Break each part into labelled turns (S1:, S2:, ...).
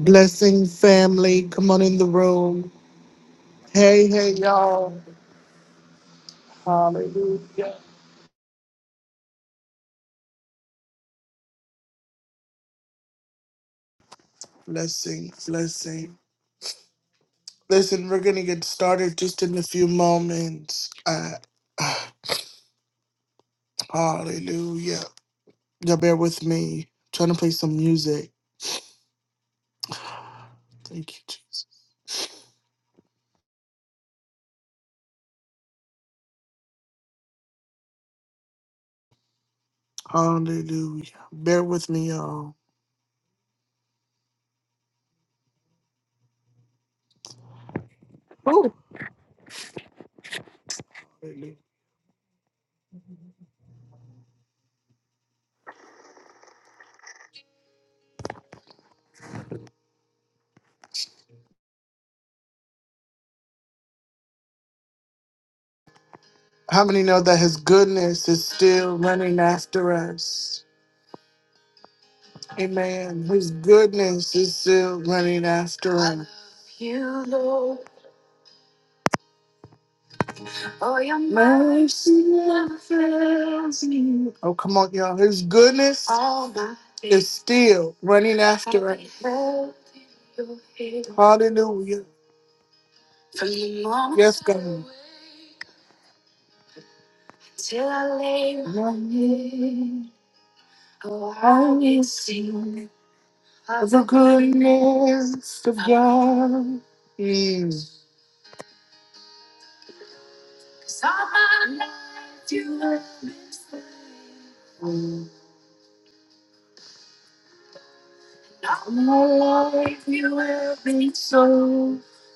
S1: Blessing family, come on in the room. Hey, hey, y'all. Hallelujah. Blessing, blessing. Listen, we're going to get started just in a few moments. Uh, ah, hallelujah. Y'all bear with me. trying to play some music. Thank you, Jesus. Hallelujah. Bear with me, y'all. Ooh. Hallelujah. How many know that His goodness is still running after us? Amen. His goodness is still running after us. Oh, your mercy never fails me. Oh, come on, y'all. His goodness All my days is still running after us. I've held in your hand. Hallelujah. From the moment yes, God. I wake Till I lay my head. Oh, I will sing of the goodness of God. He's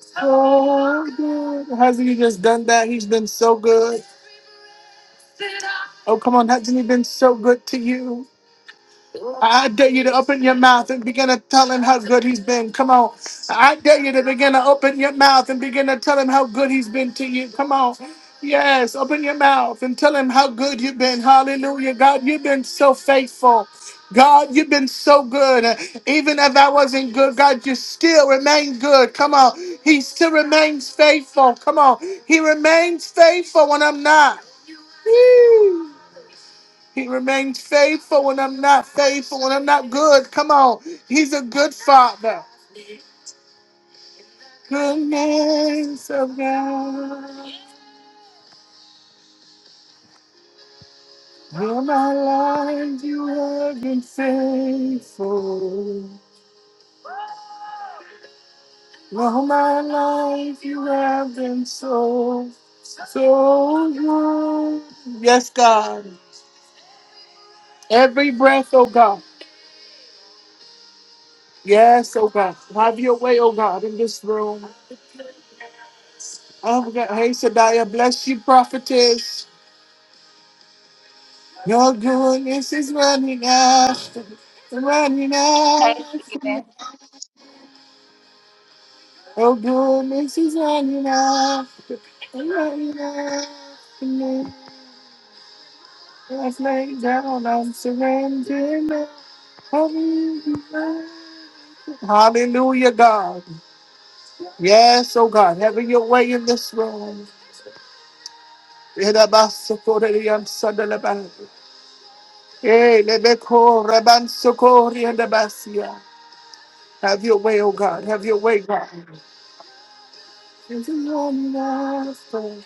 S1: so good. Hasn't he just done that? He's been so good. Oh, come on. Hasn't he been so good to you? I dare you to open your mouth and begin to tell him how good he's been. Come on. I dare you to begin to open your mouth and begin to tell him how good he's been to you. Come on. Yes, open your mouth and tell him how good you've been. Hallelujah. God, you've been so faithful. God, you've been so good. Even if I wasn't good, God, you still remain good. Come on. He still remains faithful. Come on. He remains faithful when I'm not. Woo. He remains faithful when I'm not faithful, when I'm not good. Come on. He's a good father. Goodness of God. All my life you have been faithful. All my life you have been so, so good. Yes, God. Every breath, oh God. Yes, oh God. Have your way, oh God, in this room. Oh God. Hey, Sadiah, bless you, prophetess. Your goodness is running after, running
S2: Hey,
S1: after.
S2: Steven.
S1: Your goodness is running after, running after me. Let's lay down, I'm surrendering now. Hallelujah, Hallelujah, God. Yes, oh God, have your way in this room. Erabasokoreyam sadalabah. Eh, lebeko rabansokoreyam dabasia. Have your way, oh God. Have your way, God. There's a wonderful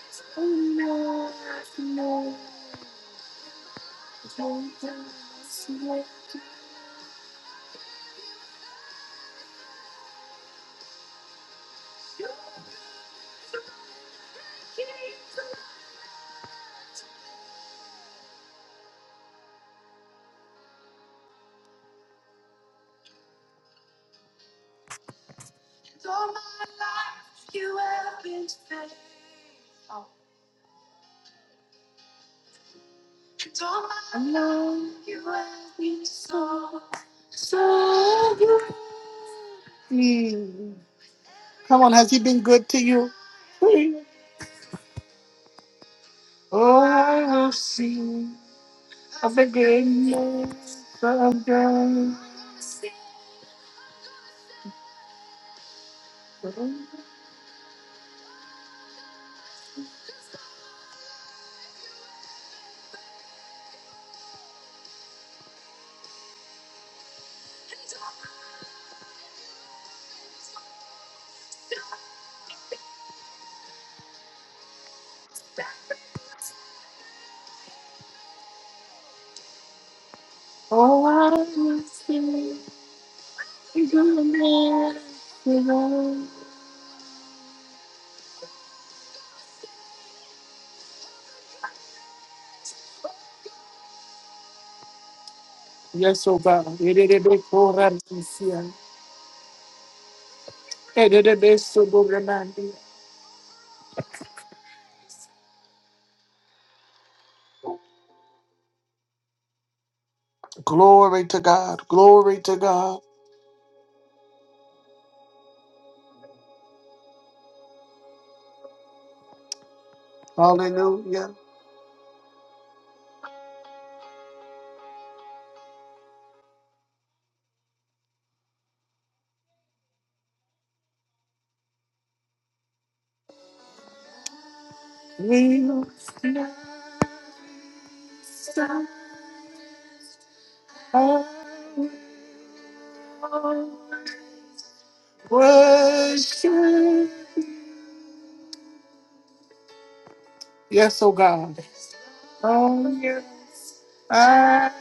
S1: love you. Mm. Come on, has he been good to you? Mm. Oh, I will see of the goodness of God. Yes, oh God. Glory to God. Glory to God. Hallelujah. We are worship. Yes, oh God. Hallelujah. I,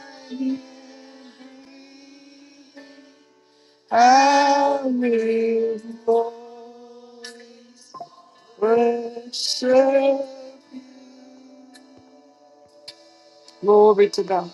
S1: I will worship. Glory to God.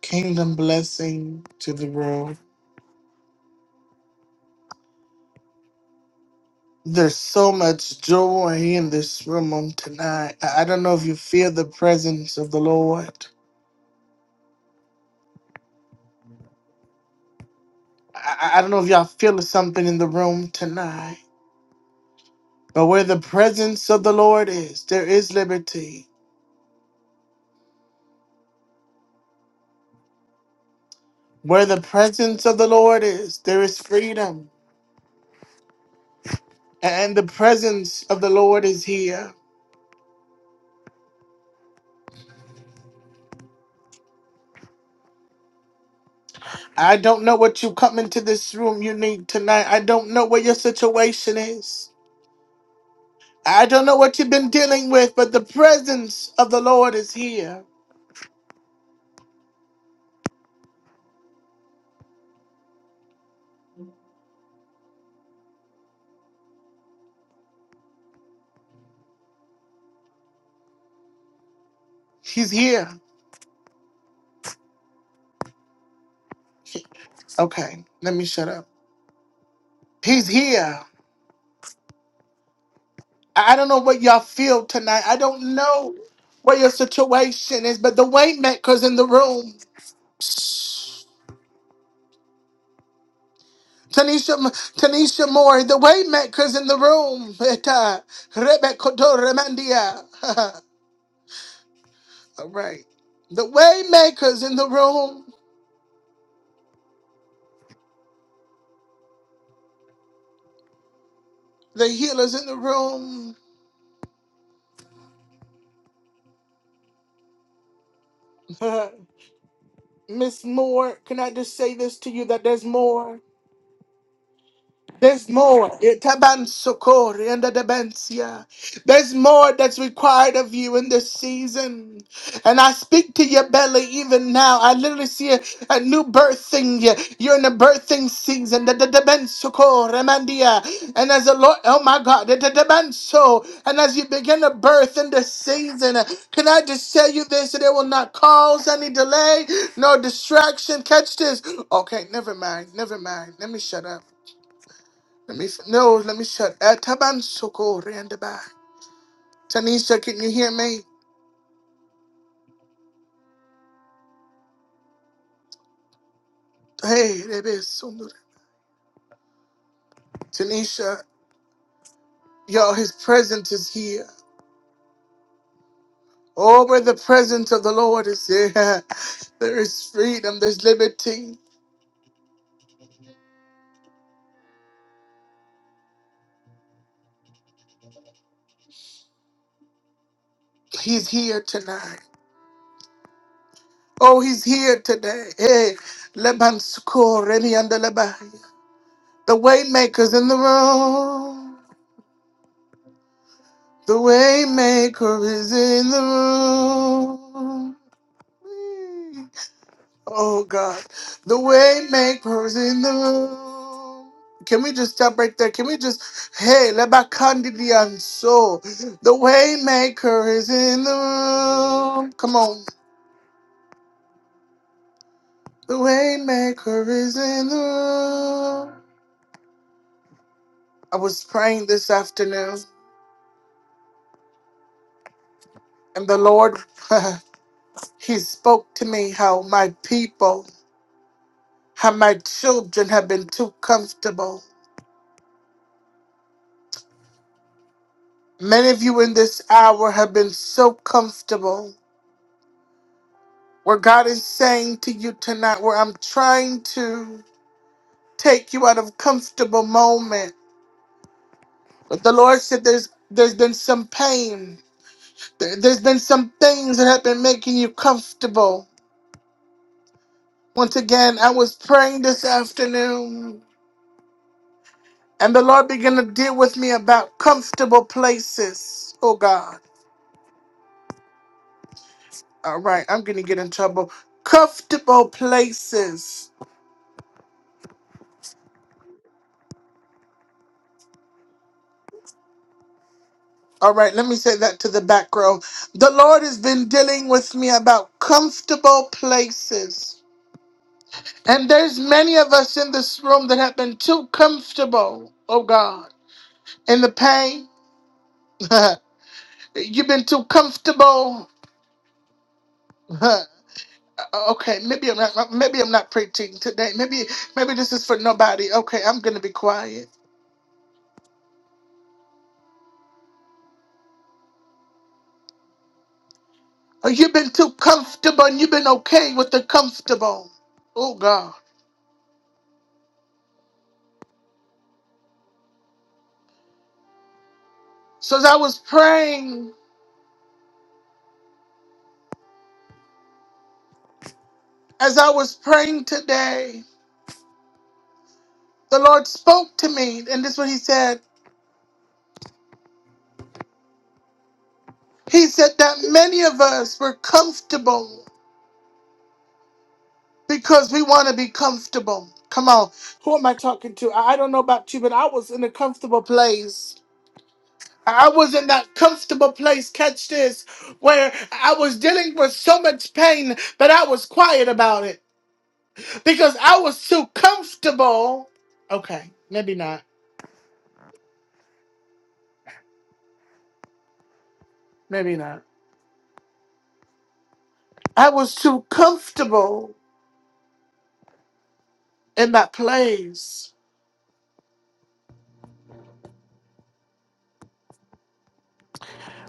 S1: Kingdom blessing to the room. There's so much joy in this room on tonight. I I don't know if you feel the presence of the Lord. I, I I don't know if y'all feel something in the room tonight. But where the presence of the Lord is, there is liberty. Where the presence of the Lord is, there is freedom. and the presence of the Lord is here. I don't know what you come into this room you need tonight. I don't know what your situation is. I don't know what you've been dealing with, but the presence of the Lord is here. He's here. Okay, let me shut up. He's here. I I don't know what y'all feel tonight. I don't know what your situation is, but the waymaker's in the room. Tanisha, Tanisha Moore, the Waymaker's in the room. Eta, Rebecca Remandia. All right. The Waymaker's in the room. The healer's in the room. Miss Moore, can I just say this to you that there's more? There's more. Itabansokori and the debensia. There's more that's required of you in this season. And I speak to your belly even now. I literally see a, a new birthing. You're in a birthing season. The- the debensokori, mandia. And as the Lord, oh my God, the- the debenso. and as you begin to birth in this season, can I just tell you this? That it will not cause any delay, no distraction. Catch this. Okay, never mind. Never mind. Let me shut up. Let me no, let me shut. Uh, Taban soko randabai. Tanisha, can you hear me? Hey, that is Sundar. Tanisha, y'all, his presence is here. Oh, where the presence of the Lord is here, there is freedom, there's liberty. He's here tonight. Oh, he's here today. Hey, Leban soko remiandalabai. The waymaker's in the room. The waymaker is in the room. Oh God, the way makers in the room. Can we just stop right there? Can we just hey let my candidate and soul? The way maker is in the room. Come on, the way maker is in the room. I was praying this afternoon, and the Lord, He spoke to me how my people, how my children have been too comfortable. Many of you in this hour have been so comfortable What God is saying to you tonight, where I'm trying to take you out of comfortable moment. But the Lord said there's there's been some pain. There- There's been some things that have been making you comfortable. Once again, I was praying this afternoon, and the Lord began to deal with me about comfortable places. Oh God. All right, I'm gonna get in trouble. Comfortable places. All right, let me say that to the back row. The Lord has been dealing with me about comfortable places. And there's many of us in this room that have been too comfortable, oh God, in the pain. You've been too comfortable. Huh. okay, maybe I'm not maybe I'm not preaching today. Maybe maybe this is for nobody. Okay, I'm gonna be quiet. Oh, You've been too comfortable and you've been okay with the comfortable. Oh God. So as I was praying As I was praying today, the Lord spoke to me, and this is what He said. He said that many of us were comfortable because we want to be comfortable. Come on, who am I talking to? I I don't know about you, but I was in a comfortable place. I was in that comfortable place, catch this, where I was dealing with so much pain, but I was quiet about it because I was too comfortable. Okay, maybe not, maybe not. I was too comfortable in that place.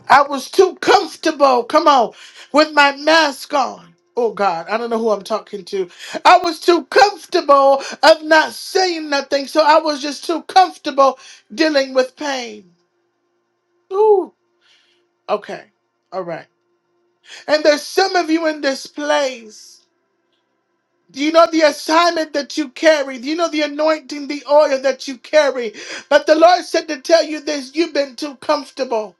S1: I was too comfortable, come on, with my mask on. Oh God, I don't know who I'm talking to. I was too comfortable of not saying nothing, so I was just too comfortable dealing with pain. Ooh, okay, all right. And there's some of you in this place. Do you know the assignment that you carry? Do you know the anointing, the oil that you carry? But the Lord said to tell you this you've been too comfortable.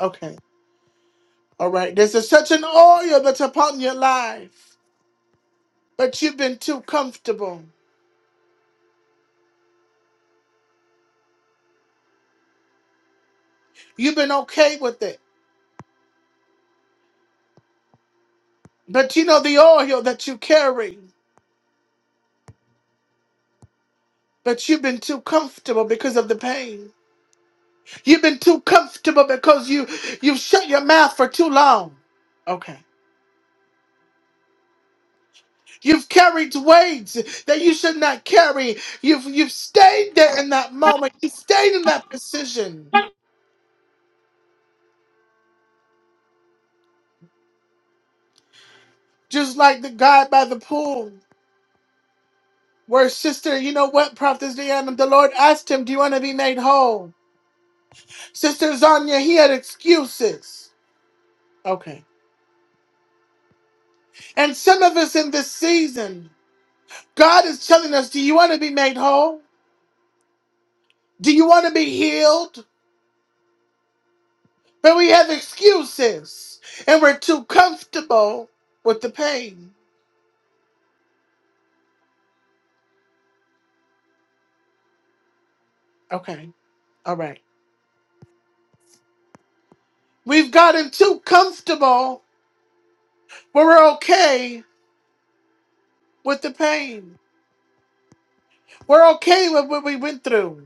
S1: Okay. All right. There's a certain oil that's upon your life, but you've been too comfortable. You've been okay with it. But you know the oil that you carry, but you've been too comfortable because of the pain. You've been too comfortable because you you've shut your mouth for too long. Okay. You've carried weights that you should not carry. You've you've stayed there in that moment. You stayed in that position. Just like the guy by the pool. Where sister, you know what, Prophetess Deanna, the Lord asked him, Do you want to be made whole? Sister Zanya, he had excuses. Okay. And some of us in this season, God is telling us, Do you want to be made whole? Do you want to be healed? But we have excuses and we're too comfortable with the pain. Okay. All right. We've gotten too comfortable where we're okay with the pain. We're okay with what we went through.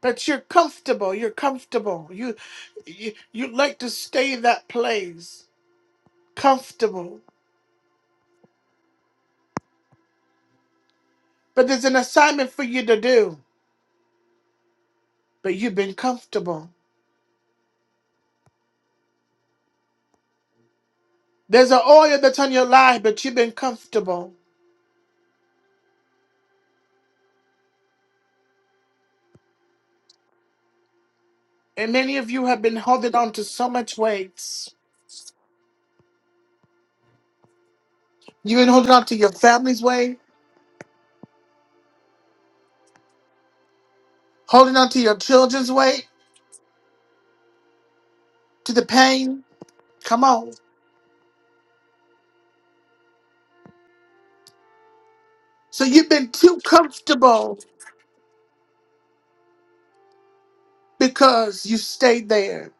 S1: But you're comfortable. You're comfortable. You, you you like to stay in that place, comfortable. But there's an assignment for you to do. But you've been comfortable. There's an oil that's on your life, but you've been comfortable. And many of you have been holding on to so much weight. You've been holding on to your family's weight, holding on to your children's weight, to the pain. Come on. So you've been too comfortable because you stayed there.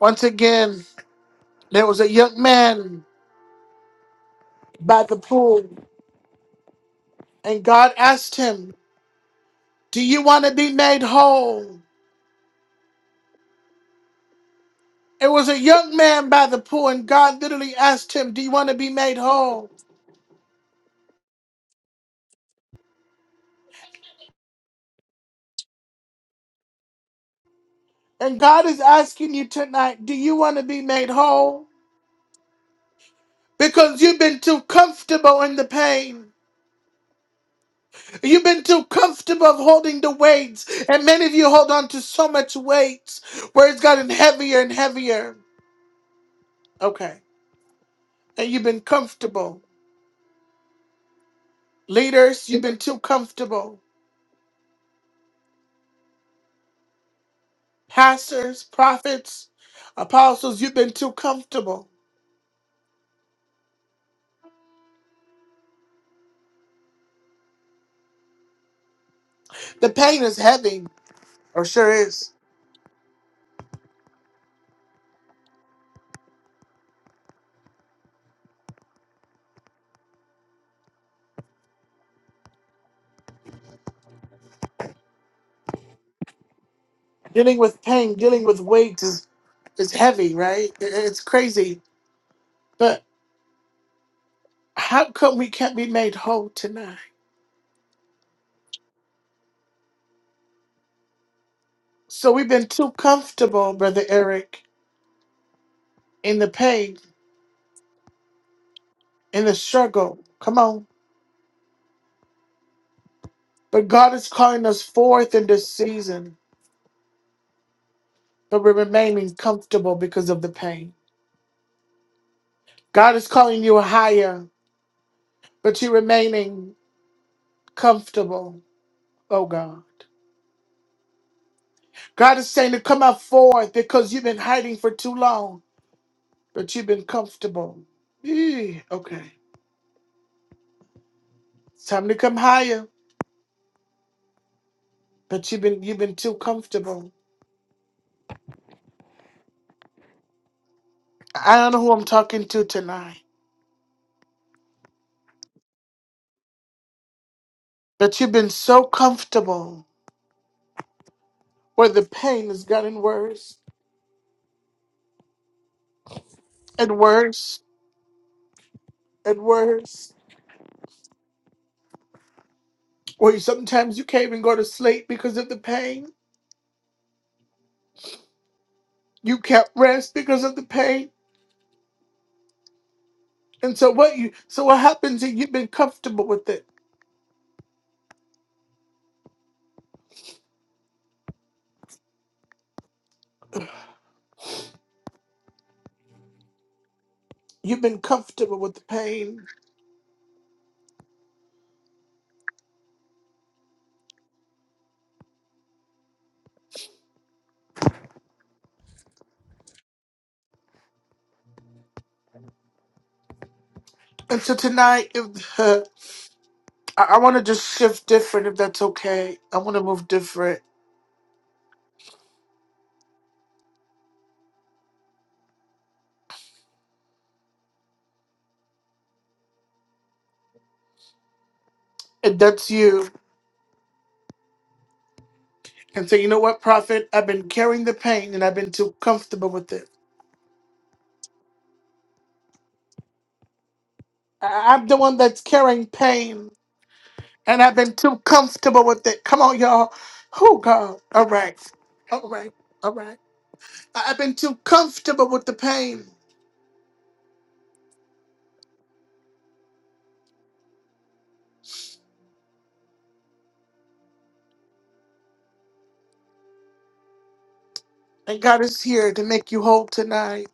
S1: Once again, there was a young man by the pool, and God asked him, Do you want to be made whole? It was a young man by the pool, and God literally asked him, Do you want to be made whole? And God is asking you tonight, Do you want to be made whole? Because you've been too comfortable in the pain. You've been too comfortable of holding the weights, and many of you hold on to so much weight where it's gotten heavier and heavier. Okay. And you've been comfortable. Leaders, you've been too comfortable. Pastors, prophets, apostles, you've been too comfortable. The pain is heavy, or sure is. Dealing with pain, dealing with weight is, is heavy, right? It- It's crazy. But how come we can't be made whole tonight? So we've been too comfortable, Brother Eric, in the pain, in the struggle. Come on. But God is calling us forth in this season, but we're remaining comfortable because of the pain. God is calling you higher, but you're remaining comfortable, oh God. God is saying to come out forward because you've been hiding for too long, but you've been comfortable. Eh, okay. It's time to come higher, but you've been you've been too comfortable. I don't know who I'm talking to tonight, but you've been so comfortable where the pain has gotten worse and worse and worse. Where you, sometimes you can't even go to sleep because of the pain. You can't rest because of the pain. And so what you so what happens is you've been comfortable with it You've been comfortable with the pain. And so tonight, if, I, I want to just shift different, if that's okay. I want to move different. If that's you. And say, you know what, prophet? I've been carrying the pain and I've been too comfortable with it. I, I'm the one that's carrying pain and I've been too comfortable with it. Come on, y'all. Oh, God. All right. All right. All right. I, I've been too comfortable with the pain. And God is here to make you whole tonight.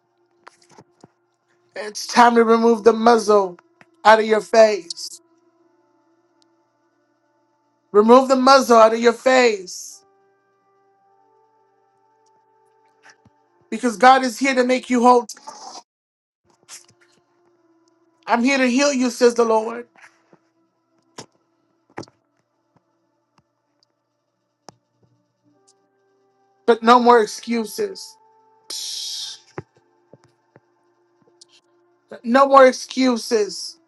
S1: It's time to remove the muzzle out of your face. Remove the muzzle out of your face. Because God is here to make you whole. I'm here to heal you, says the Lord. But no more excuses. Psh. No more excuses.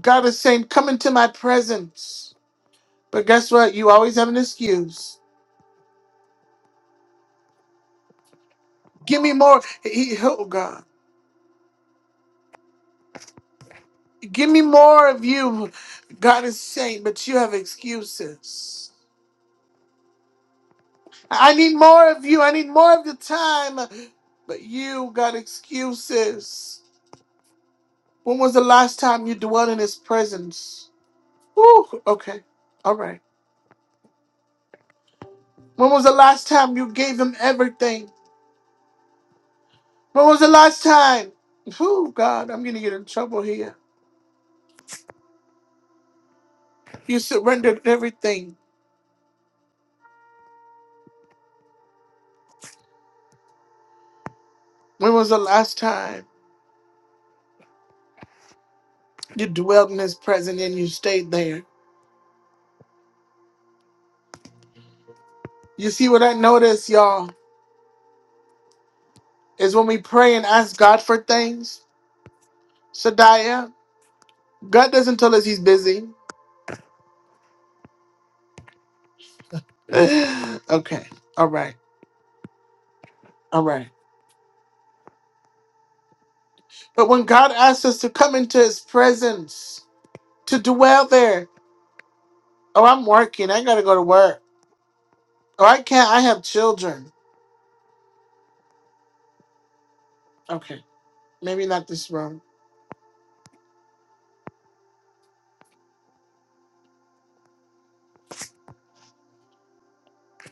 S1: God is saying, Come into my presence. But guess what? You always have an excuse. Give me more. He- he- oh, God. Give me more of you. God is saying, But you have excuses. I need more of you. I need more of your time. But you got excuses. When was the last time you dwelt in his presence? Whew, okay. All right. When was the last time you gave him everything? When was the last time? Oh, God, I'm going to get in trouble here. You surrendered everything. When was the last time you dwelt in his presence and you stayed there? You see what I notice, y'all, is when we pray and ask God for things, Shadiah, God doesn't tell us he's busy. okay. All right. All right. But when God asks us to come into his presence, to dwell there, oh, I'm working. I got to go to work. Oh, I can't. I have children. Okay. Maybe not this room.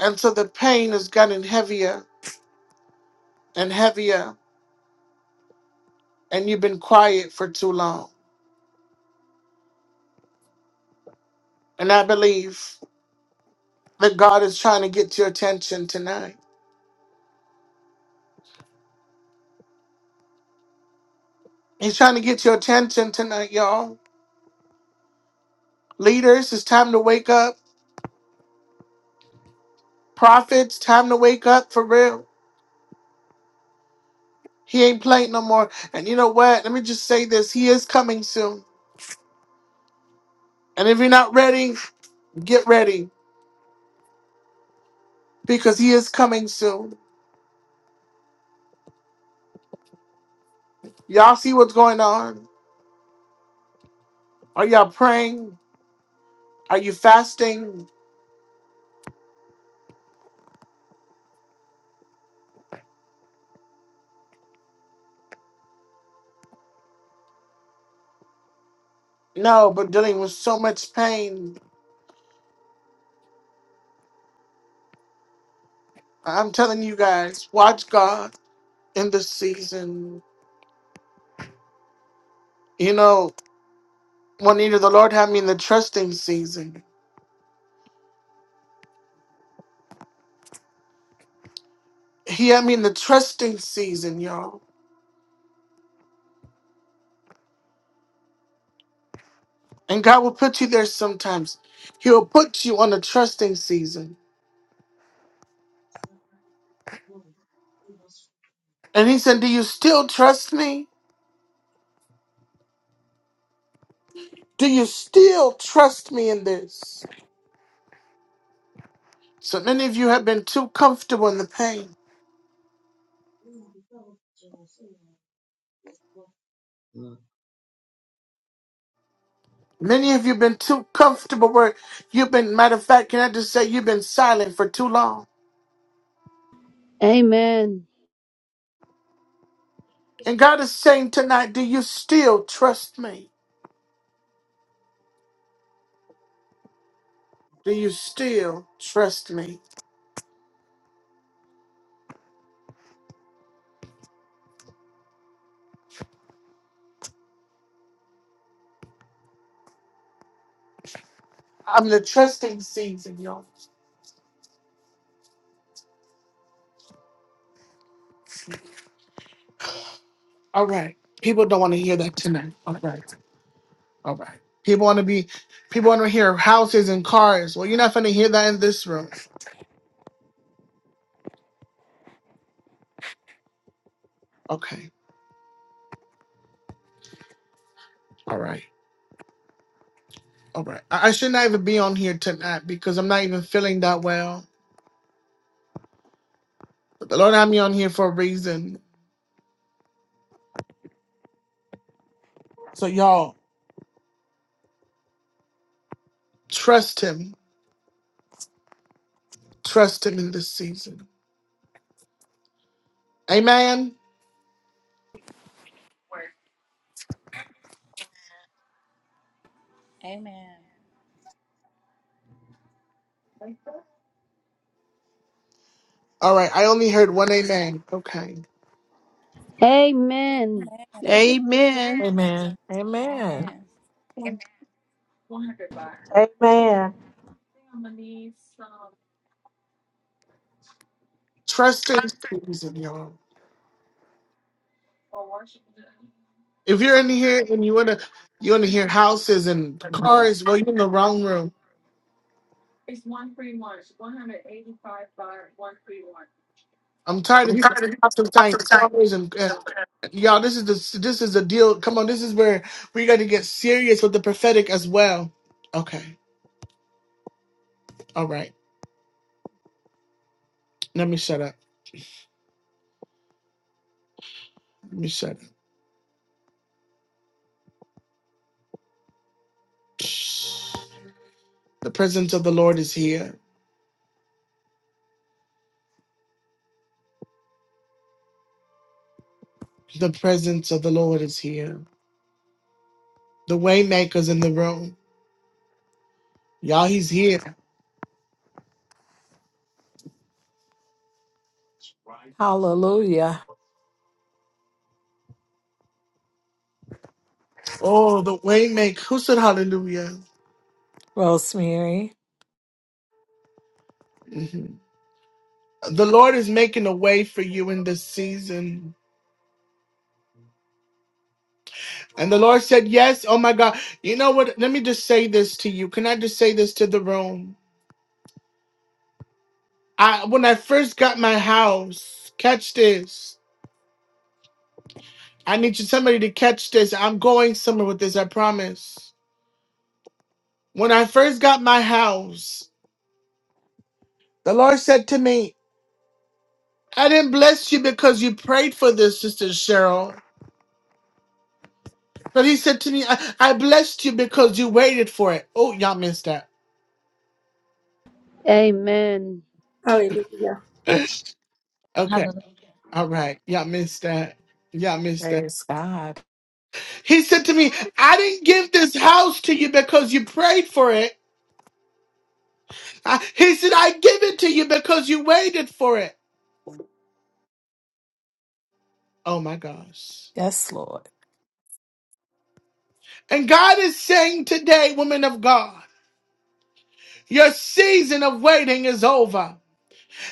S1: And so the pain has gotten heavier and heavier, and you've been quiet for too long. And I believe that God is trying to get your attention tonight. He's trying to get your attention tonight, y'all. Leaders, it's time to wake up. Prophets, time to wake up for real. He ain't playing no more. And you know what? Let me just say this. He is coming soon. And if you're not ready, get ready. Because he is coming soon. Y'all see what's going on? Are y'all praying? Are you fasting? No, but dealing with so much pain. I'm telling you guys, watch God in this season. You know, Juanita, the Lord had me in the trusting season. He had me in the trusting season, y'all. And God will put you there sometimes. He'll put you on a trusting season.
S3: He was
S1: And he said, Do you still trust me? Do you still trust me in this? So many of you have been too comfortable in the pain.
S3: formerly a member of Jerusalem Baptist Convention.
S1: Many of you have been too comfortable where you've been, matter of fact, can I just say you've been silent for too long?
S4: Amen.
S1: And God is saying tonight, Do you still trust me? Do you still trust me? I'm the trusting season, y'all. All right. People don't want to hear that tonight. All right. All right. People want to be, people want to hear houses and cars. Well, you're not going to hear that in this room. Okay. All right. All right. I, I should not even be on here tonight because I'm not even feeling that well. But the Lord had me on here for a reason. So y'all trust him. Trust him in this season. Amen. All right. I only heard one amen. Okay.
S4: Amen.
S5: So pick
S6: Amen.
S7: Amen. Amen.
S5: One hundred baht.
S8: Amen.
S5: I'm gonna need some
S1: Trust in this season, y'all.
S5: for washing.
S1: If you're in here and you wanna you wanna hear houses and cars, well you're in the wrong room.
S5: It's one free one. One hundred eighty-five baht. One free one.
S1: I'm tired of
S5: I'm
S1: people
S5: tired of people talking
S1: talking
S5: to the
S1: cars and uh,
S5: time.
S1: Y'all, this is the this is the deal. Come on, this is where we got to get serious with the prophetic as well. Okay, all right. Let me shut up. Let me shut up. The presence of the Lord is here. The presence of the Lord is here. The waymaker's in the room. Y'all, he's here.
S7: Hallelujah.
S1: Oh, the waymaker. Who said hallelujah?
S7: Rosemary.
S1: Mhm. The Lord is making a way for you in this season. And the Lord said, Yes, oh my God. You know what? Let me just say this to you. Can I just say this to the room? I when I first got my house, catch this. I need you somebody to catch this. I'm going somewhere with this, I promise. When I first got my house, the Lord said to me, I didn't bless you because you prayed for this, Sister Cheryl. But he said to me, I, I blessed you because you waited for it. Oh, y'all missed that.
S4: Amen.
S9: Hallelujah.
S1: okay. All right. Y'all missed that. Y'all missed that.
S7: Praise God.
S1: He said to me, I didn't give this house to you because you prayed for it. I, he said, I give it to you because you waited for it. Oh my gosh.
S7: Yes, Lord.
S1: And God is saying today, woman of God, your season of waiting is over.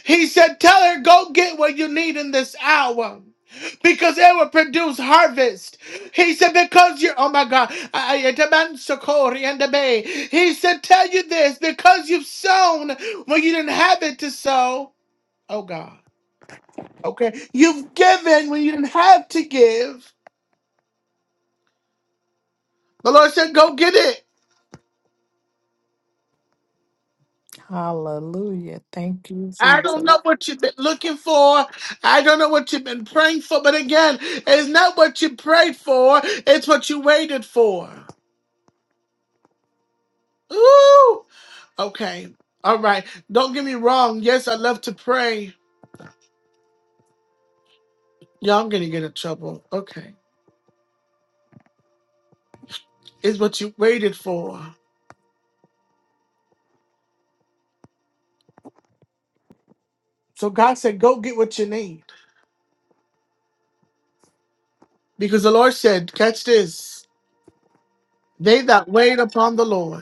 S1: He said, Tell her, go get what you need in this hour. Because it will produce harvest. He said, because you're, oh my God, I- I- Itaban Sokori and the Bay. he said, tell you this, because you've sown when you didn't have it to sow. Oh God, okay. You've given when you didn't have to give The Lord said, Go get it.
S7: Hallelujah. Thank you,
S1: I don't
S7: Jesus.
S1: know what you've been looking for. I don't know what you've been praying for. But again, it's not what you prayed for, it's what you waited for. Ooh. Okay. All right. Don't get me wrong. Yes, I love to pray. Y'all, I'm going to get in trouble. Okay. It's what you waited for. So God said, Go get what you need. Because the Lord said, Catch this. They that wait upon the Lord.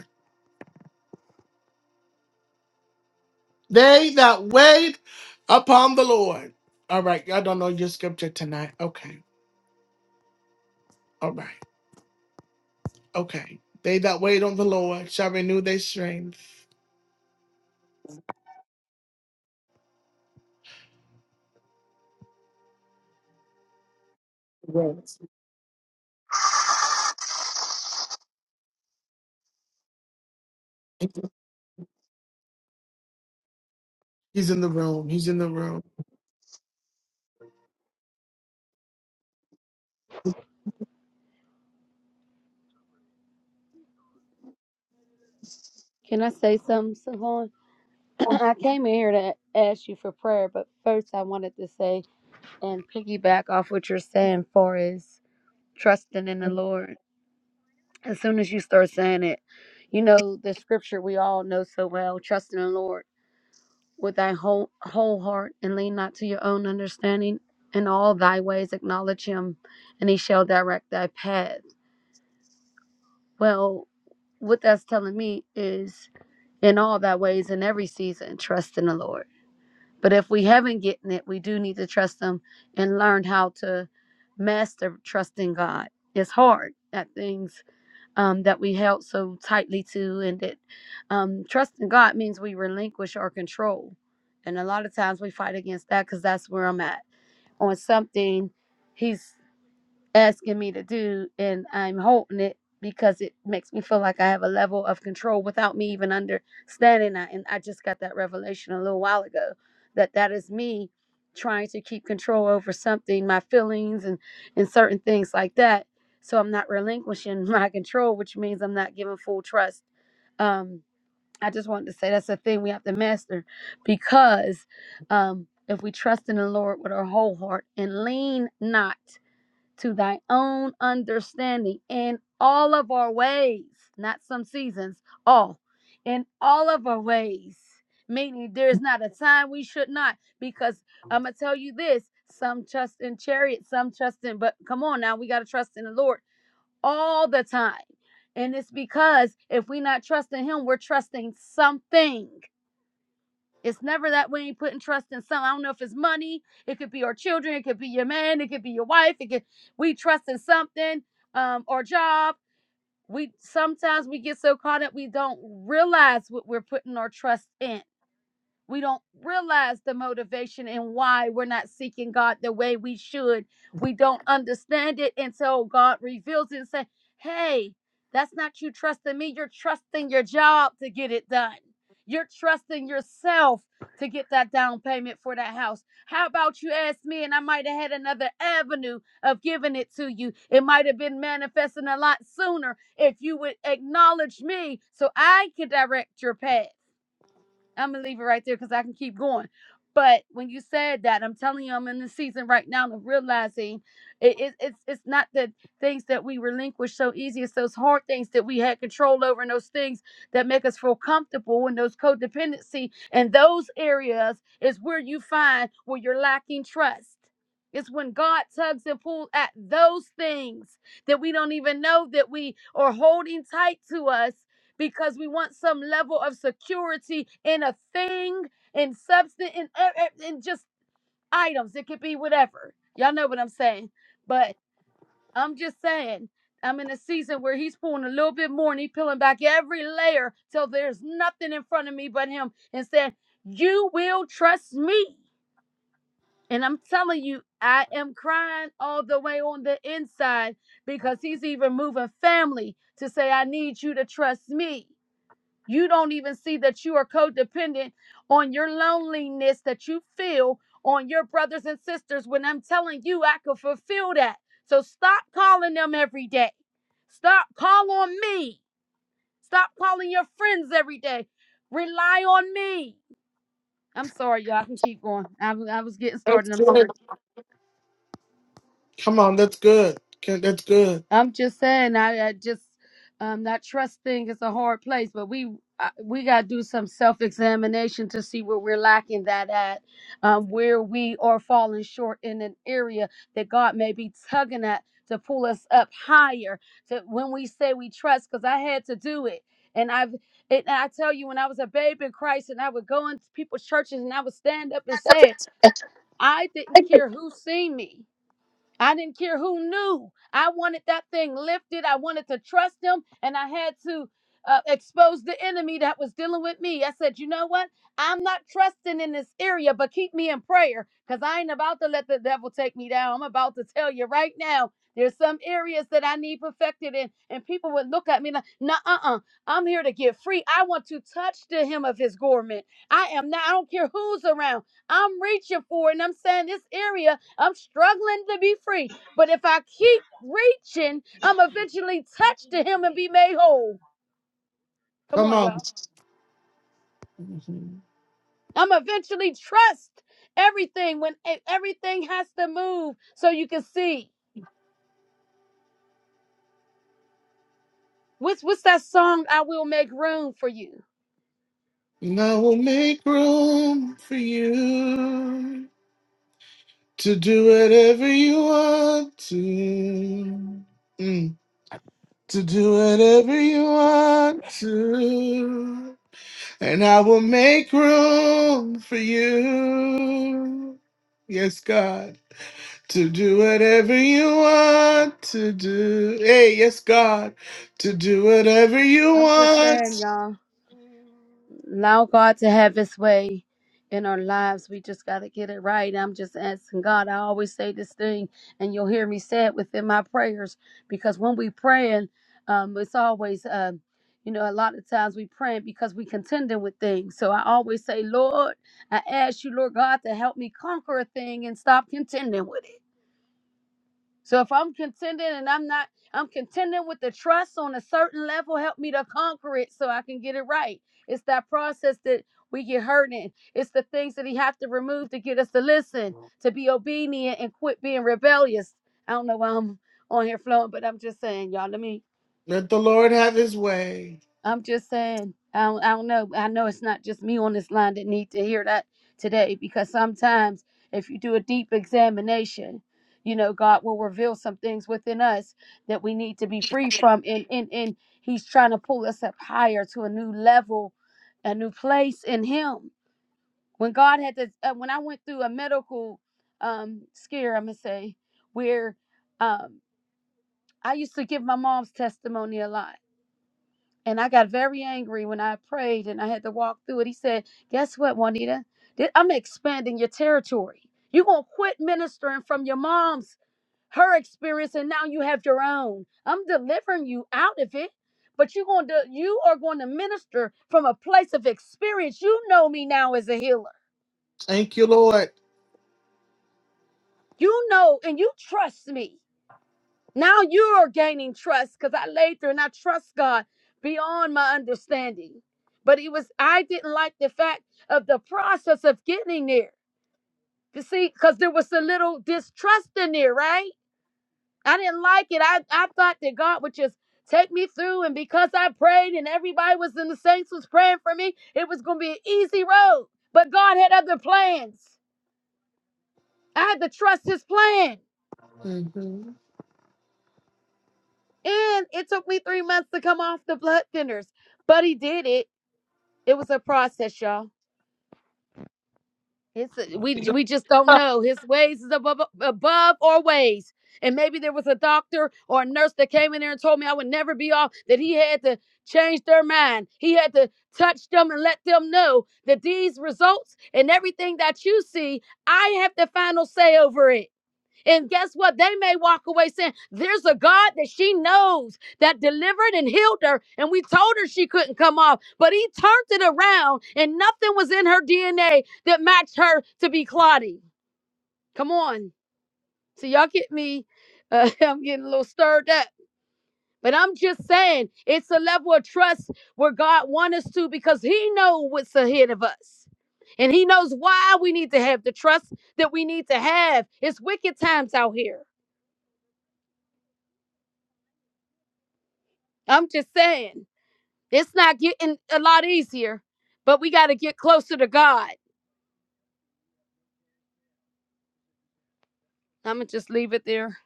S1: They that wait upon the Lord. All right, y'all don't know your scripture tonight. Okay, all right, okay. They that wait on the Lord shall renew their strength. Yes. He's in the room. He's in the room.
S4: Can I say something, Savon? I came in here to ask you for prayer, but first I wanted to say and piggyback off what you're saying for is trusting in the Lord. As soon as you start saying it, you know the scripture we all know so well, trust in the Lord with thy whole whole heart and lean not to your own understanding. In all thy ways acknowledge him, and he shall direct thy path. Well, what that's telling me is in all thy ways in every season trust in the lord but if we haven't gotten it we do need to trust him and learn how to master trusting god it's hard at things um, that we held so tightly to and that um, trusting god means we relinquish our control and a lot of times we fight against that because that's where i'm at on something he's asking me to do and I'm holding it because it makes me feel like I have a level of control without me even understanding that and I just got that revelation a little while ago that that is me trying to keep control over something my feelings and and certain things like that so I'm not relinquishing my control which means I'm not giving full trust um I just wanted to say that's a thing we have to master because um if we trust in the Lord with our whole heart and lean not to thy own understanding in all of our ways, not some seasons, all, in all of our ways. Meaning, there's not a time we should not, because I'm going to tell you this some trust in chariots, some trust in, but come on now, we got to trust in the Lord all the time. And it's because if we're not trusting Him, we're trusting something. It's never that we ain't putting trust in some. I don't know if it's money. It could be our children. It could be your man. It could be your wife. It could we trust in something, um, our job. We sometimes we get so caught up we don't realize what we're putting our trust in we don't realize the motivation and why we're not seeking God the way we should. We don't understand it until God reveals it and says, "Hey, that's not you trusting me. You're trusting your job to get it done. You're trusting yourself to get that down payment for that house. How about you ask me and I might have had another avenue of giving it to you. It might have been manifesting a lot sooner if you would acknowledge me so I could direct your path. I'm gonna leave it right there because I can keep going. But when you said that, I'm telling you, I'm in the season right now of realizing it, it, it's it's not the things that we relinquish so easy. It's those hard things that we had control over, and those things that make us feel comfortable, and those codependency, and those areas is where you find where you're lacking trust. It's when God tugs and pulls at those things that we don't even know that we are holding tight to us because we want some level of security in a thing, in substance, in, e- e- in just items. It could be whatever. Y'all know what I'm saying. But I'm just saying, I'm in a season where he's pulling a little bit more and he's peeling back every layer till there's nothing in front of me but him and saying, You will trust me. And I'm telling you, I am crying all the way on the inside because he's even moving family to say, I need you to trust me. You don't even see that you are codependent on your loneliness that you feel on your brothers and sisters when I'm telling you I could fulfill that. So stop calling them every day. Stop call on me. Stop calling your friends every day. Rely on me. I'm sorry, y'all. I can keep going. I I was getting started. I'm sorry.
S1: Come on, that's good. Okay, That's good.
S4: I'm just saying, I, I just um, that trust thing is a hard place, but we I, we got to do some self examination to see where we're lacking that at, um, where we are falling short in an area that God may be tugging at to pull us up higher. To when we say we trust, because I had to do it, and I've. It, and I tell you, when I was a babe in Christ, and I would go into people's churches, and I would stand up and say, it, "I didn't care who seen me." I didn't care who knew. I wanted that thing lifted. I wanted to trust him, and I had to uh, expose the enemy that was dealing with me. I said, You know what? I'm not trusting in this area, but keep me in prayer because I ain't about to let the devil take me down. I'm about to tell you right now. There's some areas that I need perfected in, and people would look at me like, nah, uh-uh. I'm here to get free. I want to touch the hem of his garment. I am not, I don't care who's around. I'm reaching for and I'm saying this area, I'm struggling to be free. But if I keep reaching, I'm eventually touched to him and be made whole. Come
S1: Come
S4: on,
S1: on.
S4: y'all.
S1: Mhm.
S4: I'm eventually trust everything when e- everything has to move so you can see. What's what's that song? I will make room for you.
S1: And I will make room for you to do whatever you want to. Mm. To do whatever you want to. and I will make room for you. Yes, God, to do whatever you want to do. Hey, yes, God, to do whatever you
S4: I'm just saying,
S1: want.
S4: y'all. allow God to have his way in our lives. We just got to get it right. I'm just asking God. I always say this thing, and you'll hear me say it within my prayers because when we praying, um, it's always, um, you know, a lot of times we praying because we contending with things. So I always say, Lord, I ask you, Lord God, to help me conquer a thing and stop contending with it. So if I'm contending and I'm not, I'm contending with the trust on a certain level, help me to conquer it so I can get it right. It's that process that we get hurt in. It's the things that he have to remove to get us to listen, to be obedient and quit being rebellious. I don't know why I'm on here flowing, but I'm just saying, y'all, let me
S1: Let the Lord have his way.
S4: I'm just saying, I don't, I don't know. I know it's not just me on this line that need to hear that today because sometimes if you do a deep examination, you know, God will reveal some things within us that we need to be free from. And, and, and He's trying to pull us up higher to a new level, a new place in Him. When God had to, uh, when I went through a medical um, scare, I'm going to say, where um, I used to give my mom's testimony a lot and I got very angry when I prayed and I had to walk through it. He said, Guess what, Juanita? Th- I'm expanding your territory. You're going to quit ministering from your mom's, her experience, and now you have your own. I'm delivering you out of it. But you're going to, you are going to minister from a place of experience. You know me now as a healer.
S1: Thank you, Lord.
S4: You know, and you trust me. Now you're gaining trust because I laid there and I trust God beyond my understanding. But it was, I didn't like the fact of the process of getting there. You see, because there was a little distrust in there, right? I didn't like it. I, I thought that God would just take me through. And because I prayed and everybody was in the saints was praying for me, it was going to be an easy road. But God had other plans. I had to trust his plan.
S1: Mhm.
S4: And it took me three months to come off the blood thinners, but he did it. It was a process, y'all. It's a, we we just don't know. His ways is above above our ways. And maybe there was a doctor or a nurse that came in there and told me I would never be off. That he had to change their mind. He had to touch them and let them know that these results and everything that you see, I have the final say over it. And guess what? They may walk away saying, There's a God that she knows that delivered and healed her. And we told her she couldn't come off, but he turned it around and nothing was in her DNA that matched her to be clotty. Come on. So y'all get me. Uh, I'm getting a little stirred up. But I'm just saying, it's a level of trust where God wants us to because he knows what's ahead of us. And he knows why we need to have the trust that we need to have. It's wicked times out here. I'm just saying, it's not getting a lot easier, but we got to get closer to God. I'm going to just leave it there.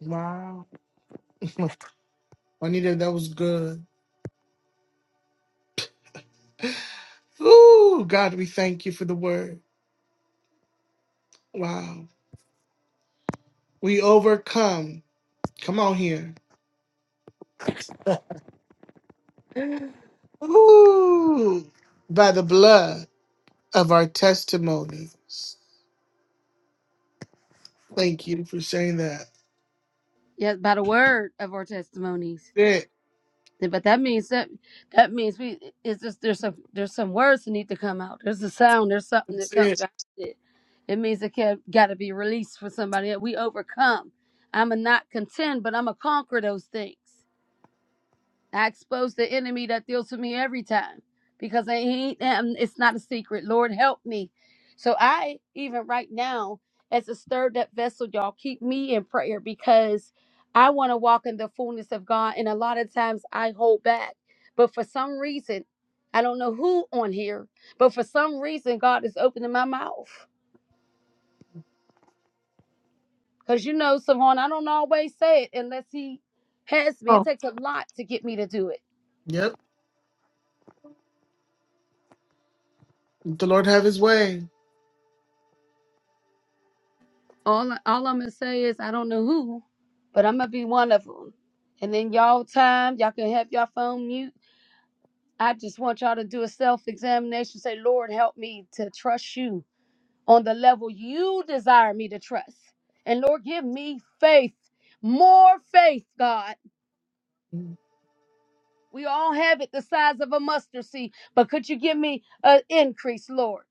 S1: Wow. Juanita, that was good. Ooh, God, we thank you for the word. Wow. We overcome. Come on here. Ooh, by the blood of our testimonies. Thank you for saying that.
S4: Yes, by the word of our testimonies.
S1: That's it.
S4: Th- But that means that that means we it's just there's some there's some words that need to come out. There's a sound. There's something that
S1: That's
S4: comes
S1: it.
S4: behind it. It means it can got to be released for somebody. else. We overcome. I'm a not contend, but I'm a conquer those things. I expose the enemy that deals with me every time because I ain't, um, it's not a secret. Lord, help me. So I, even right now, as a stirred up vessel, y'all keep me in prayer because I want to walk in the fullness of God. And a lot of times I hold back. But for some reason, I don't know who on here, but for some reason, God is opening my mouth. Because you know, Savon, I don't always say it unless He has me. It
S1: Oh.
S4: takes a lot to get me to do it.
S1: Yep. The Lord have his way.
S4: All all I'm gonna say is I don't know who, but I'm gonna be one of them. And then y'all time, y'all can have y'all phone mute. I just want y'all to do a self examination. Say, Lord, help me to trust you on the level you desire me to trust. And Lord, give me faith, more faith, God.
S1: Mm,
S4: We all have it the size of a mustard seed, but could you give me an increase, Lord?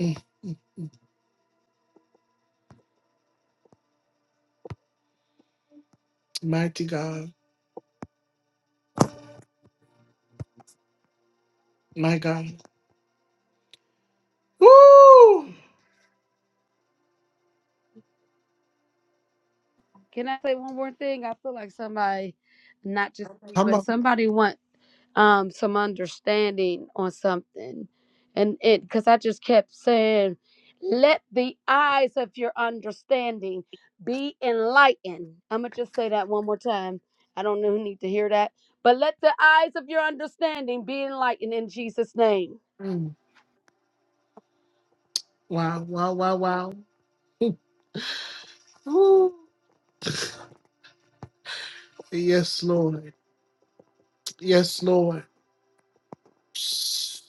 S1: mm, mm. Mighty God. My God. Woo!
S4: Can I say one more thing? I feel like somebody, not just me,
S1: Come
S4: but
S1: on.
S4: somebody wants. um some understanding on something and it because i just kept saying let the eyes of your understanding be enlightened i'm gonna just say that one more time i don't know who need to hear that but let the eyes of your understanding be enlightened in jesus name
S1: Mm. Wow, wow, wow, wow. Woo! Yes, Lord. Yes, Lord. Psst.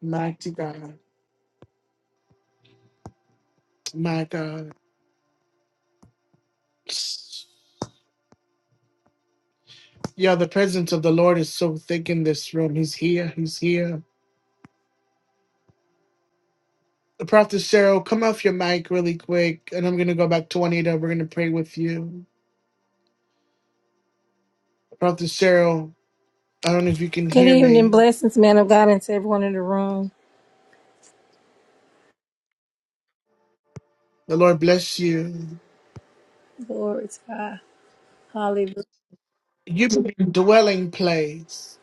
S1: Mighty God. My God. Psst. Yeah, the presence of the Lord is so thick in this room. He's here. He's here. The Prophet Sarah, come off your mic really quick, and I'm going to go back to Juanita. We're going to pray with you. Prophet Sarah, I don't know if you can
S9: Good
S1: hear
S9: evening.
S1: me.
S9: Blessings, man of God, and to everyone in the room.
S1: The Lord bless you.
S9: Glory to God. Hallelujah.
S1: You've been in a dwelling place.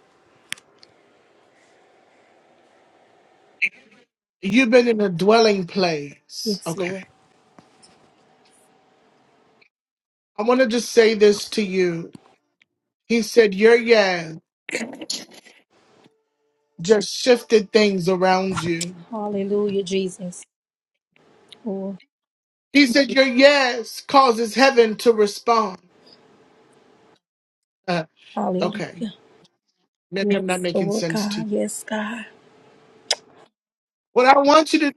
S1: You've been in a dwelling place.
S9: Yes,
S1: Okay.
S9: Lord.
S1: I want to just say this to you. He said, Your yes just shifted things around you.
S9: Hallelujah, Jesus. Lord.
S1: He said, Your yes causes heaven to respond. Uh, okay.
S9: Hallelujah.
S1: Maybe I'm not
S9: Yes,
S1: making
S9: Lord
S1: sense to
S9: God.
S1: you.
S9: Yes, God.
S1: What I want you to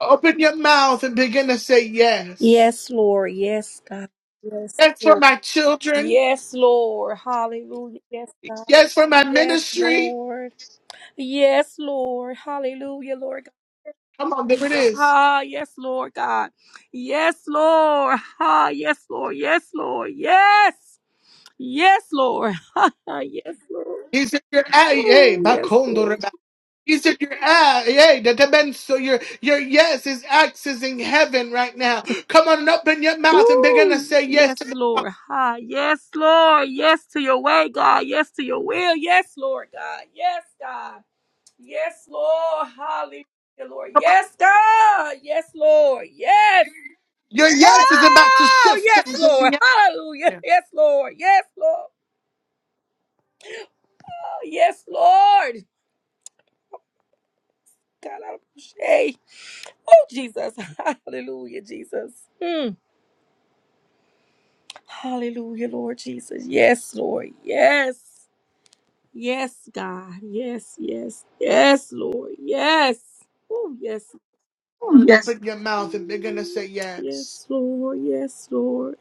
S1: Open your mouth and begin to say yes.
S9: Yes, Lord. Yes, God. Yes,
S1: Yes for
S9: Lord.
S1: my children.
S9: Yes, Lord. Hallelujah. Yes, God.
S1: Yes for my
S9: Yes,
S1: ministry.
S9: Lord. Yes, Lord. Hallelujah, Lord God.
S1: Come on, there it
S9: Jesus.
S1: is.
S9: Ah, yes, Lord God. Yes, Lord. Ah, yes, Lord. Yes, Lord. Yes. Yes, Lord. yes, Lord.
S1: He said, "Your ay, hey,
S9: Ooh, yes,
S1: bakondo
S9: Lord.
S1: reba." He said, "Your ay, hey, that the men- so your your yes is accessing heaven right now. Come on and open your mouth and begin to
S9: Ooh,
S1: say yes to
S9: yes,
S1: the,
S9: Lord. Ha, yes, Lord. Yes to your way, God. Yes to your will. Yes, Lord God. Yes, God. Yes, Lord. Hallelujah, Lord. Yes, God. Yes, Lord. Yes.
S1: your yes is about to
S9: Oh,
S1: shift
S9: yes,
S1: things in
S9: Lord.
S1: the
S9: Hallelujah.
S1: atmosphere.
S9: Yes, Lord. Yes, Lord. Oh, yes, Lord. God, I appreciate. Oh, Jesus. Hallelujah, Jesus. Mm. Hallelujah, Lord Jesus. Yes, Lord. Yes. Yes, God. Yes, yes, yes, Lord. Yes. Oh, yes.
S1: Yes. Open your mouth and begin to
S9: Mm.
S1: say yes.
S9: Yes, Lord. Yes, Lord.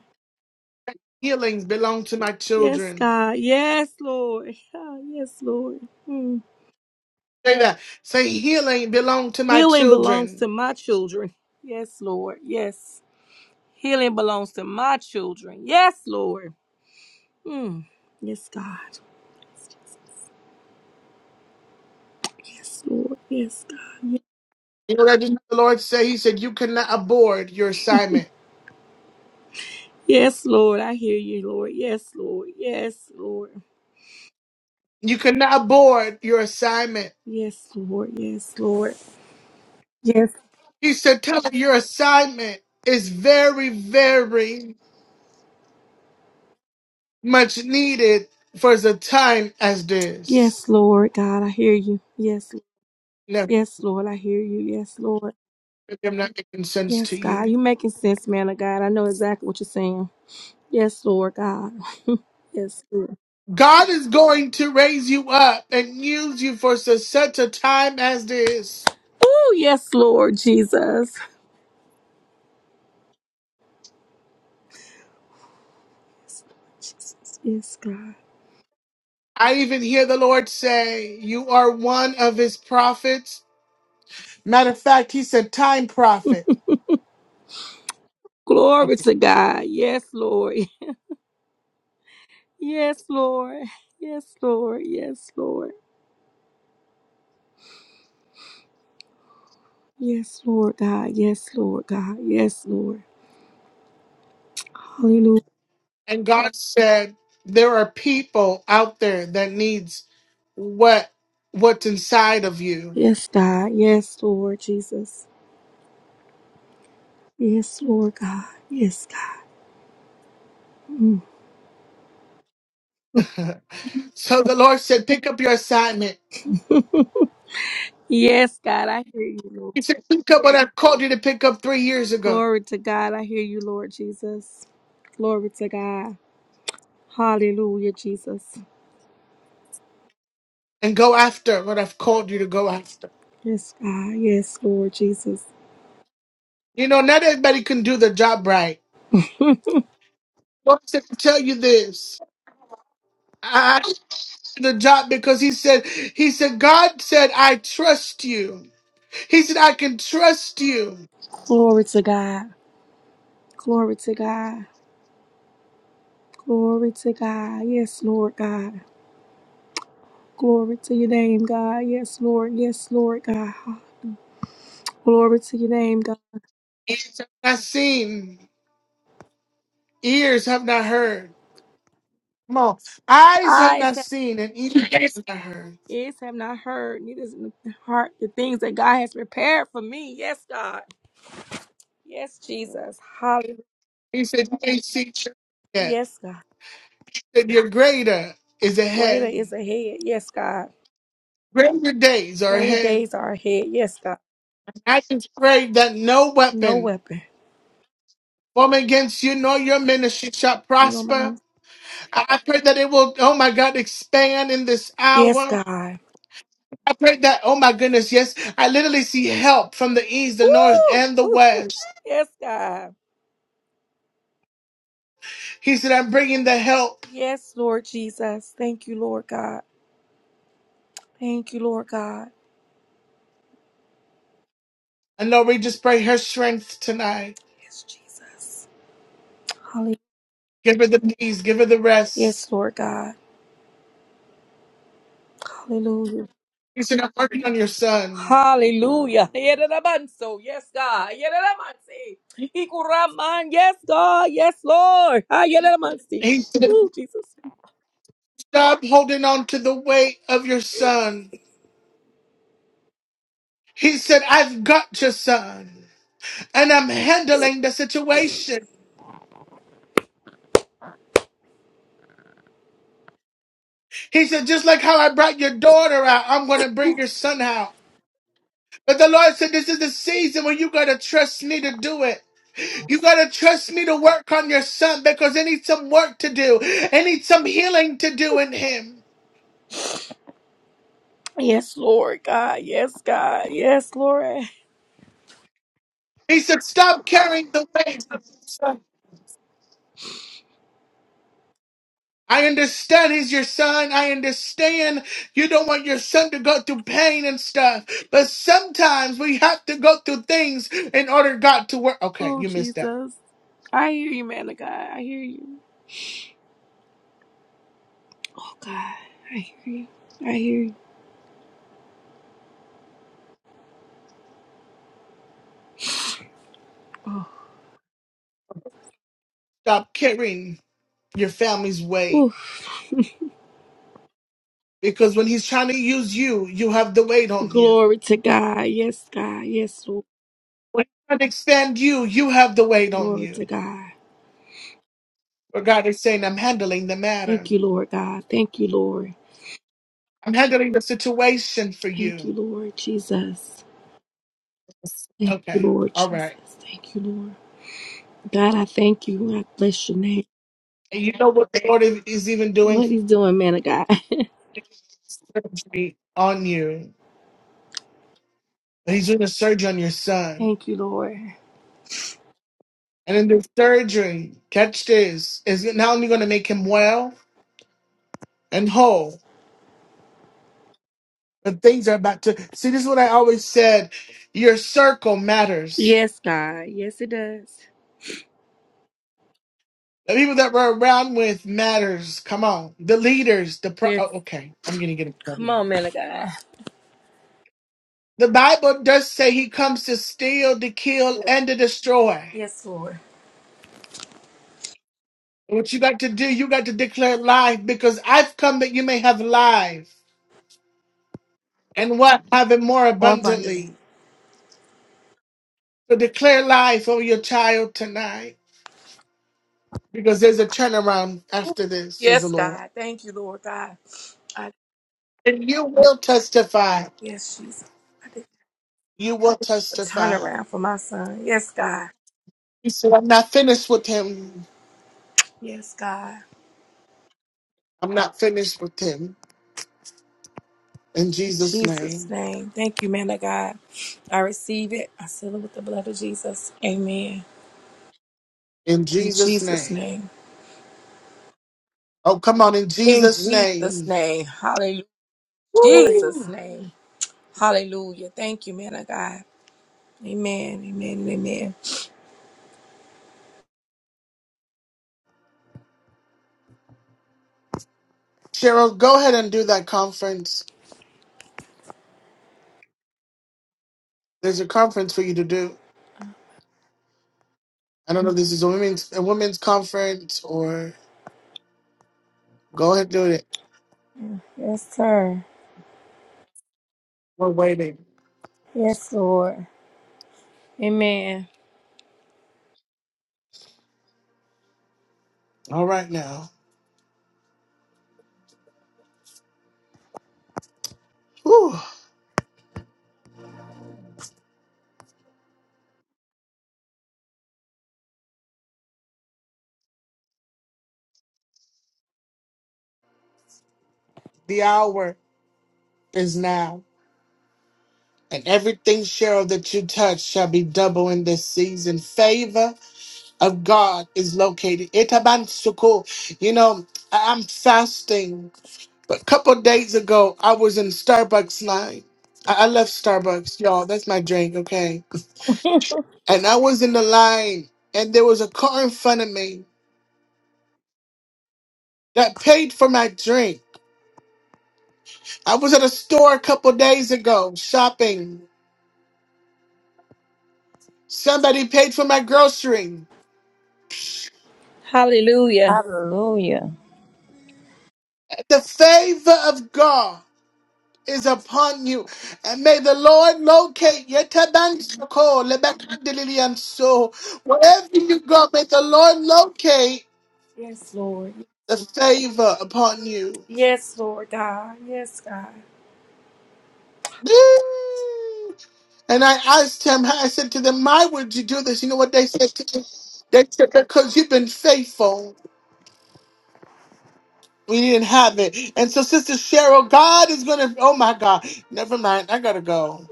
S1: Healings belong to my
S9: Yes,
S1: children.
S9: God. Yes, Lord. Ah, yes, Lord. Mm.
S1: Say that. Say healing belong to my
S9: Healing belongs
S1: children.
S9: to my children. Yes, Lord. Yes. Healing belongs to my children. Yes, Lord. Mm. Yes, God. Yes, Lord. Yes, God.
S1: You know what I just heard the Lord say? He said, You cannot abort your assignment.
S9: Yes, Lord. I hear you, Lord. Yes, Lord. Yes, Lord.
S1: You cannot abort your assignment.
S9: Yes, Lord. Yes, Lord. Yes.
S1: He said, Tell her your assignment is very, very much needed for the time as
S9: Yes,
S1: this.
S9: Lord. God, I hear you. Yes.
S1: Never
S9: Yes, Lord. I hear you. Yes, Lord.
S1: maybe I'm not making sense to
S9: Yes, God.
S1: you.
S9: you making sense, man of God. I know exactly what you're saying. Yes, Lord God. Yes, Lord.
S1: God is going to raise you up and use you for su- such a time as this.
S9: Oh, yes, Lord Jesus. Jesus. Yes, God.
S1: I even hear the Lord say, You are one of his prophets. Matter of fact, he said, Time prophet. Okay.
S9: Glory to God. Yes, Lord. Yes, Lord. Yes, Lord. Yes, Lord. Yes, Lord God. Yes, Lord God. Yes, Lord. Hallelujah.
S1: And God said, there are people out there that needs what what's inside of you.
S9: Yes, God. Yes, Lord Jesus. Yes, Lord God. Yes, God. Mm.
S1: so the Lord said, pick up your assignment.
S9: yes, God. I hear you, Lord.
S1: He said, pick up what I've called you to pick up three years ago
S9: Glory to God. I hear you, Lord Jesus. Glory to God. Hallelujah, Jesus.
S1: and go after what I've called you to go after.
S9: Yes, God. Yes, Lord Jesus.
S1: You know, not everybody can do the job right. Lord said, to tell you this. I I did the job because he said, he said, God said, I trust you. He said, I can trust you.
S9: Glory to God. Glory to God. Glory to God. Yes, Lord God. Glory to your name, God. Yes, Lord. Yes, Lord God. Glory to your name,
S1: He said, I've seen. Ears have not heard. Come on. Eyes have not
S9: God.
S1: seen and ears have not heard.
S9: Ears have not heard, neither is in the heart the things that God has prepared for me. Yes, God. Yes, Jesus. Hallelujah.
S1: He said, You ain't seen church yet.
S9: Yes, God.
S1: He said, Your greater is
S9: Greater
S1: ahead.
S9: is ahead. Yes, God.
S1: Greater days are
S9: Greater
S1: ahead.
S9: days are ahead. Yes, God.
S1: I just pray that no
S9: No
S1: weapon
S9: weapon.
S1: formed against you nor your ministry shall
S9: You know my
S1: prosper.
S9: name.
S1: I pray that it will, oh my God, expand in this
S9: Yes,
S1: hour.
S9: God.
S1: I pray that, oh my goodness, yes, I literally see help from the east, the north, and the
S9: Woo!
S1: west.
S9: yes, God.
S1: He said, I'm bringing the help.
S9: Yes, Lord Jesus. Thank you, Lord God. Thank you, Lord God.
S1: And Lord, we just pray her strength tonight.
S9: Yes, Jesus. Hallelujah.
S1: Give her the peace, give her the rest.
S9: Yes, Lord God. Hallelujah.
S1: He's not working on your son.
S9: Hallelujah. Yerevanso. Yes, God. Yerevansi. Ikuraman. Yes, God. Yes, Lord. Ah, yerevansi.
S1: He said,
S9: Ooh, Jesus.
S1: Stop holding on to the weight of your son. He said, I've got your son. And I'm handling the situation. He said, just like how I brought your daughter out, I'm going to bring your son out. But the Lord said, this is the season when you got to trust me to do it. You got to trust me to work on your son because it needs some work to do. It needs some healing to do in him.
S9: Yes, Lord God. Yes, God. Yes, Lord.
S1: He said, Stop carrying the weight. of your son. I understand he's your son. I understand you don't want your son to go through pain and stuff. But sometimes we have to go through things in order God to work. Okay,
S9: Ooh,
S1: you missed that.
S9: Jesus. I hear you, man of God. I hear you. Oh, God. I hear you. I hear you. Oh.
S1: Stop carrying your family's weight.
S9: Ooh.
S1: Because when he's trying to use you, you have the weight on you.
S9: Glory to God. Yes, God. Yes, Lord.
S1: When he's trying to expand you, you have the weight on
S9: Glory to
S1: you.
S9: God.
S1: But God is saying, I'm handling the matter.
S9: Thank you, Lord God. Thank you, Lord.
S1: I'm handling the situation for
S9: Thank
S1: you.
S9: you, Lord Jesus. Thank you,
S1: Okay.
S9: Lord
S1: All
S9: Jesus.
S1: right.
S9: Thank you, Lord. God, I thank you. I bless your name.
S1: And you know what the Lord is is even doing?
S9: What he's doing, man of God.
S1: Surgery on you. He's doing a surgery on your son.
S9: thank you, Lord.
S1: And in the surgery, catch this, is not only going to make him well and whole, but things are about to. See, this is what I always said your circle matters.
S9: Yes, God. Yes, it does.
S1: The people that we're around with matters. Come on. The leaders, the. Pro-
S9: Yes.
S1: oh, okay, I'm going to get a
S9: Come
S1: problem.
S9: on, man of God.
S1: The Bible does say he comes to steal, to kill, and to destroy.
S9: Yes, Lord.
S1: What you got to do, you got to declare life because I've come that you may have life and what have it more
S9: More abundantly.
S1: abundantly. So declare life over your child tonight because there's a turnaround after this, says the
S9: Yes,
S1: Lord.
S9: God. Thank you, Lord God. I,
S1: And you will testify.
S9: yes, Jesus. I did
S1: You will
S9: a
S1: testify.
S9: turnaround for my son. Yes, God.
S1: He said, I'm not finished with him.
S9: Yes, God.
S1: I'm not finished with him. In
S9: In
S1: Jesus'
S9: Jesus'
S1: name.
S9: name. Thank you, man of God. I receive it. I seal it with the blood of Jesus. Amen.
S1: In
S9: In
S1: Jesus'
S9: Jesus'
S1: name.
S9: name.
S1: Oh, come on. In
S9: In
S1: Jesus'
S9: Jesus'
S1: name.
S9: name. Hallelujah.
S1: Woo.
S9: Jesus' name. Hallelujah. Thank you, man of God. Amen. Amen. Amen.
S1: Cheryl, go ahead and do that conference. There's a conference for you to do. I don't know if this is a women's a women's conference or go ahead and do it.
S9: Yes, sir.
S1: We're waiting.
S9: Yes, Lord. Amen.
S1: All right now. Whew. The hour is now. And everything, Cheryl, that you touch shall be double in this season. Favor of God is located. Itabansuku. You know, I- I'm fasting. But a couple days ago, I was in Starbucks line. I I love Starbucks, y'all. That's my drink, okay? And I was in the line, and there was a car in front of me. that paid for my drink. I was at a store a couple days ago shopping. Somebody paid for my grocery.
S9: Hallelujah.
S1: The favor of God is upon you. And may the Lord locate your tabanshako, lebakandililian so. Wherever you go, may the Lord locate
S9: Yes, Lord.
S1: the favor upon you.
S9: Yes, Lord God. Yes, God.
S1: Woo! And I asked him, I said to them, why would you do this? You know what they said to me? They said, because you've been faithful. We didn't have it. And so, Sister Cheryl, God is going to, oh my God. Never mind. I got to go.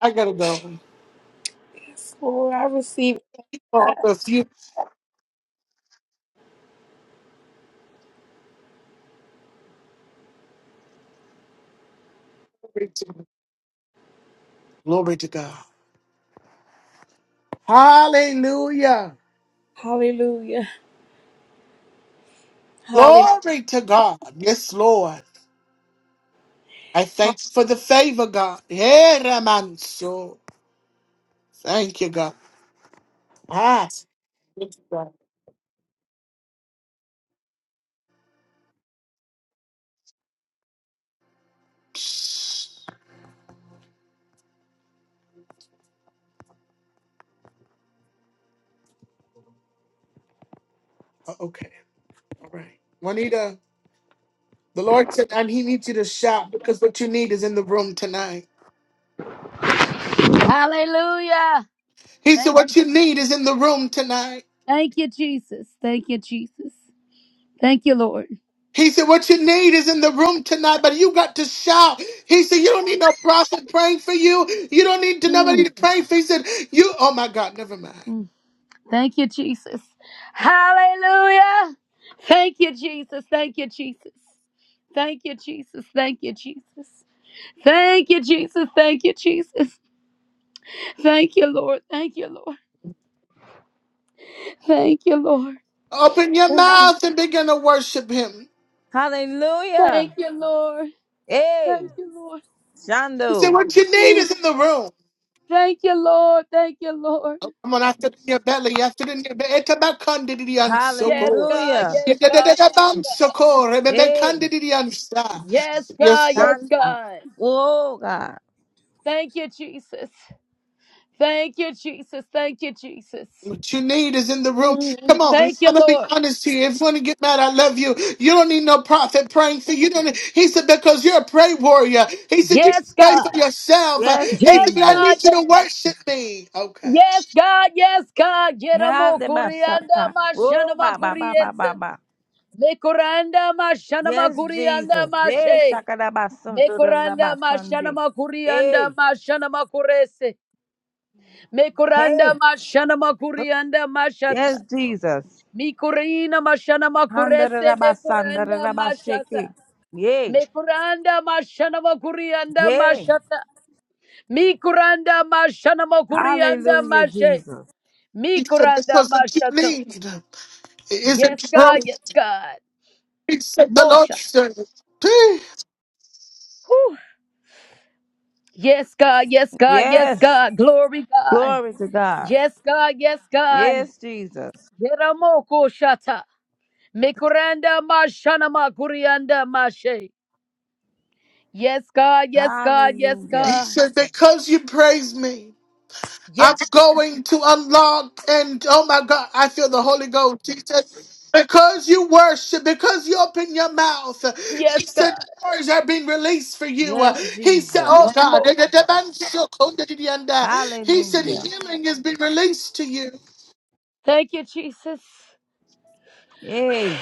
S1: I got to go.
S9: Yes, Lord. I receive it.
S1: Oh,
S9: God.
S1: a few- glory to glory to God. Hallelujah.
S9: Hallelujah. Hallelujah.
S1: Glory to God. Yes, Lord. I thank you for the favor, God. Hey, Ramanso. Thank you, God. Ah. Okay. All right. Juanita, the Lord said, and He needs you to shout because what you need is in the room tonight.
S4: hallelujah
S1: He said,
S4: thank you
S1: What you need is in the room tonight.
S4: thank you jesus thank you jesus thank you lord
S1: He said, What you need is in the room tonight, but you got to shout. He said, You don't need no prophet praying for you. You don't need to
S4: Mm,
S1: nobody to pray for. you." He said, You oh my God, never mind.
S4: mm. thank you jesus hallelujah thank you jesus thank you jesus Thank you, Jesus. Thank you, Jesus. Thank you, Jesus. Thank you, Jesus. Thank you, Lord. Thank you, Lord. Thank you, Lord.
S1: Open your mouth and begin to worship him.
S2: Hallelujah.
S4: Thank you, Lord. Thank
S2: Hey,
S4: you, Lord.
S1: He said,
S2: Shando.
S1: What you need
S4: Mm.
S1: is in the room.
S4: Thank you, Lord. Thank you, Lord.
S1: Oh, come on, after it in your belly, after it in your belly.
S4: Yes, God.
S2: Hallelujah.
S4: Yes, God. Yes, God.
S2: Hey,
S4: Yes,
S1: Yes,
S4: God.
S1: God.
S4: Yes,
S2: Shanda.
S4: God.
S2: Oh, God.
S4: Thank you, Jesus. Thank you, Jesus. Thank you, Jesus.
S1: What you need is in the room.
S4: Mm.
S1: Come on,
S4: Thank you,
S1: I'm gonna be
S4: Lord.
S1: honest here. If you wanna get mad, I love you. You don't need no prophet praying for
S4: Mm.
S1: you. don't he said because you're a prayer warrior. He said you can
S4: Yes,
S1: pray
S4: God.
S1: for yourself. Uh,
S2: Yes,
S1: He
S4: Yes,
S1: said, but I
S2: Jesus.
S4: God.
S1: need you
S4: Yes,
S1: to worship me. Okay.
S4: Yes, God, yes, God. Yeramo kurianda
S2: Yadabashata.
S4: mashana
S2: Oh, ba, ba, ba, ba,
S4: makuries.
S2: ba, ba.
S4: Mekoranda mashana
S2: Yes,
S4: makurianda
S2: Jesus. Hey,
S4: mashe. Mekoranda mashana
S2: Shakadabasunday.
S4: makurianda
S2: Hey,
S4: mashana makurese. Mekoranda
S2: hey.
S4: mashana makurianda mashata.
S2: Yes, Jesus.
S4: Mikurina mashana makurese. Mekoranda mashata.
S2: Handarabashandarabashake. Yay.
S4: Mekuranda mashana makurianda
S2: Hey.
S4: mashata. Mikuranda mashana makurianda
S2: Hallelujah,
S4: mashe.
S2: Jesus.
S1: He said
S4: Mikuranda
S1: because what you
S4: mashata.
S1: need
S4: Yes,
S1: isn't
S4: God.
S1: true.
S4: Yes, God.
S1: He said the Lord
S4: Moshe.
S1: said. "Hey."
S4: Whew. Yes, God. Yes, God. Yes,
S2: Yes.
S4: God. Glory, God.
S2: Glory to God.
S4: Yes, God. Yes, God.
S2: Yes, Jesus.
S4: Yeramoko shata. Mikuranda mashana makurianda mashe. Yes, God. Yes, God. Yes,
S1: He
S2: Hallelujah.
S4: God.
S1: said because you praise me. I'm
S4: Yes, God.
S1: going to unlock and oh my God, I feel the Holy Ghost. He said, because you worship, because you open your mouth, he
S4: Yes,
S1: said, the
S4: God.
S1: words are being released for you. Uh,
S2: Yes,
S1: He said,
S2: Jesus.
S1: oh God,
S4: Mo-
S1: he said,
S2: Hallelujah.
S1: healing is being released to you
S4: Thank you, Jesus.
S2: Hey,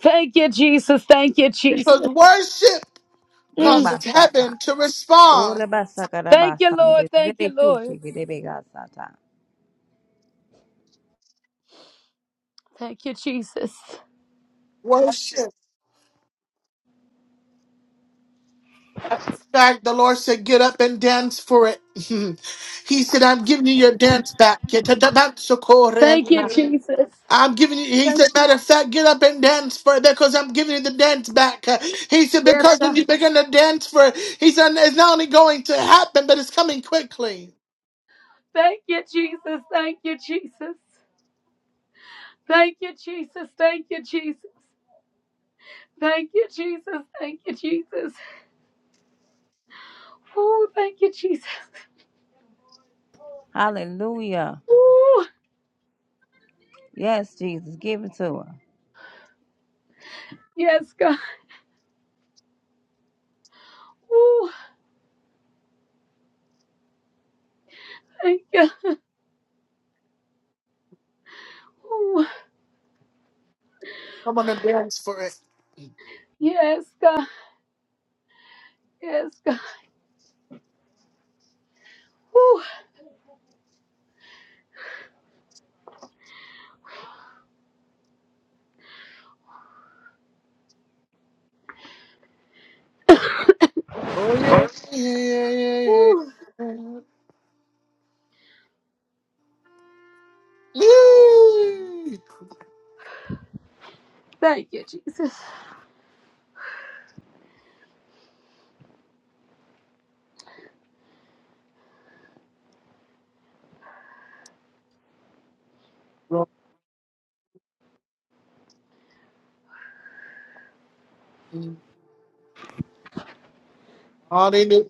S4: Thank you, Jesus. Thank you,
S1: because
S4: Jesus.
S1: worship
S2: hey,
S4: Mm.
S1: causes
S2: basata.
S1: heaven to
S2: Ore
S1: respond.
S2: basakara
S4: Thank you, Lord.
S2: basande.
S4: Thank
S2: Zere
S4: you,
S2: kushe
S4: Lord.
S2: gerebe gasata.
S4: Thank you, Jesus.
S1: Worship. In fact, the Lord said, get up and dance for it. he said, I'm giving you your dance back.
S4: Thank you, Jesus.
S1: I'm giving you, he
S4: Thank
S1: said, matter of fact, get up and dance for it because I'm giving you the dance back. Uh, He said,
S4: Yes,
S1: because when
S4: God.
S1: you begin to dance for it, he said, it's not only going to happen, but it's coming quickly.
S4: Thank you, Jesus. Thank you, Jesus. Thank you, Jesus. Thank you, Jesus. Thank you, Jesus. Thank you, Jesus. Oh, thank you, Jesus.
S2: Hallelujah.
S4: Oh,
S2: Yes, Jesus. Give it to her.
S4: yes, God. Oh, thank you. Oh,
S1: Come on and dance for it.
S4: yes, God. Yes, God. Oh,
S1: Oh, yeah, yeah, yeah, yeah,
S4: oh,
S1: yeah.
S4: thank you, Jesus.
S1: Woo! Glory, hallelujah.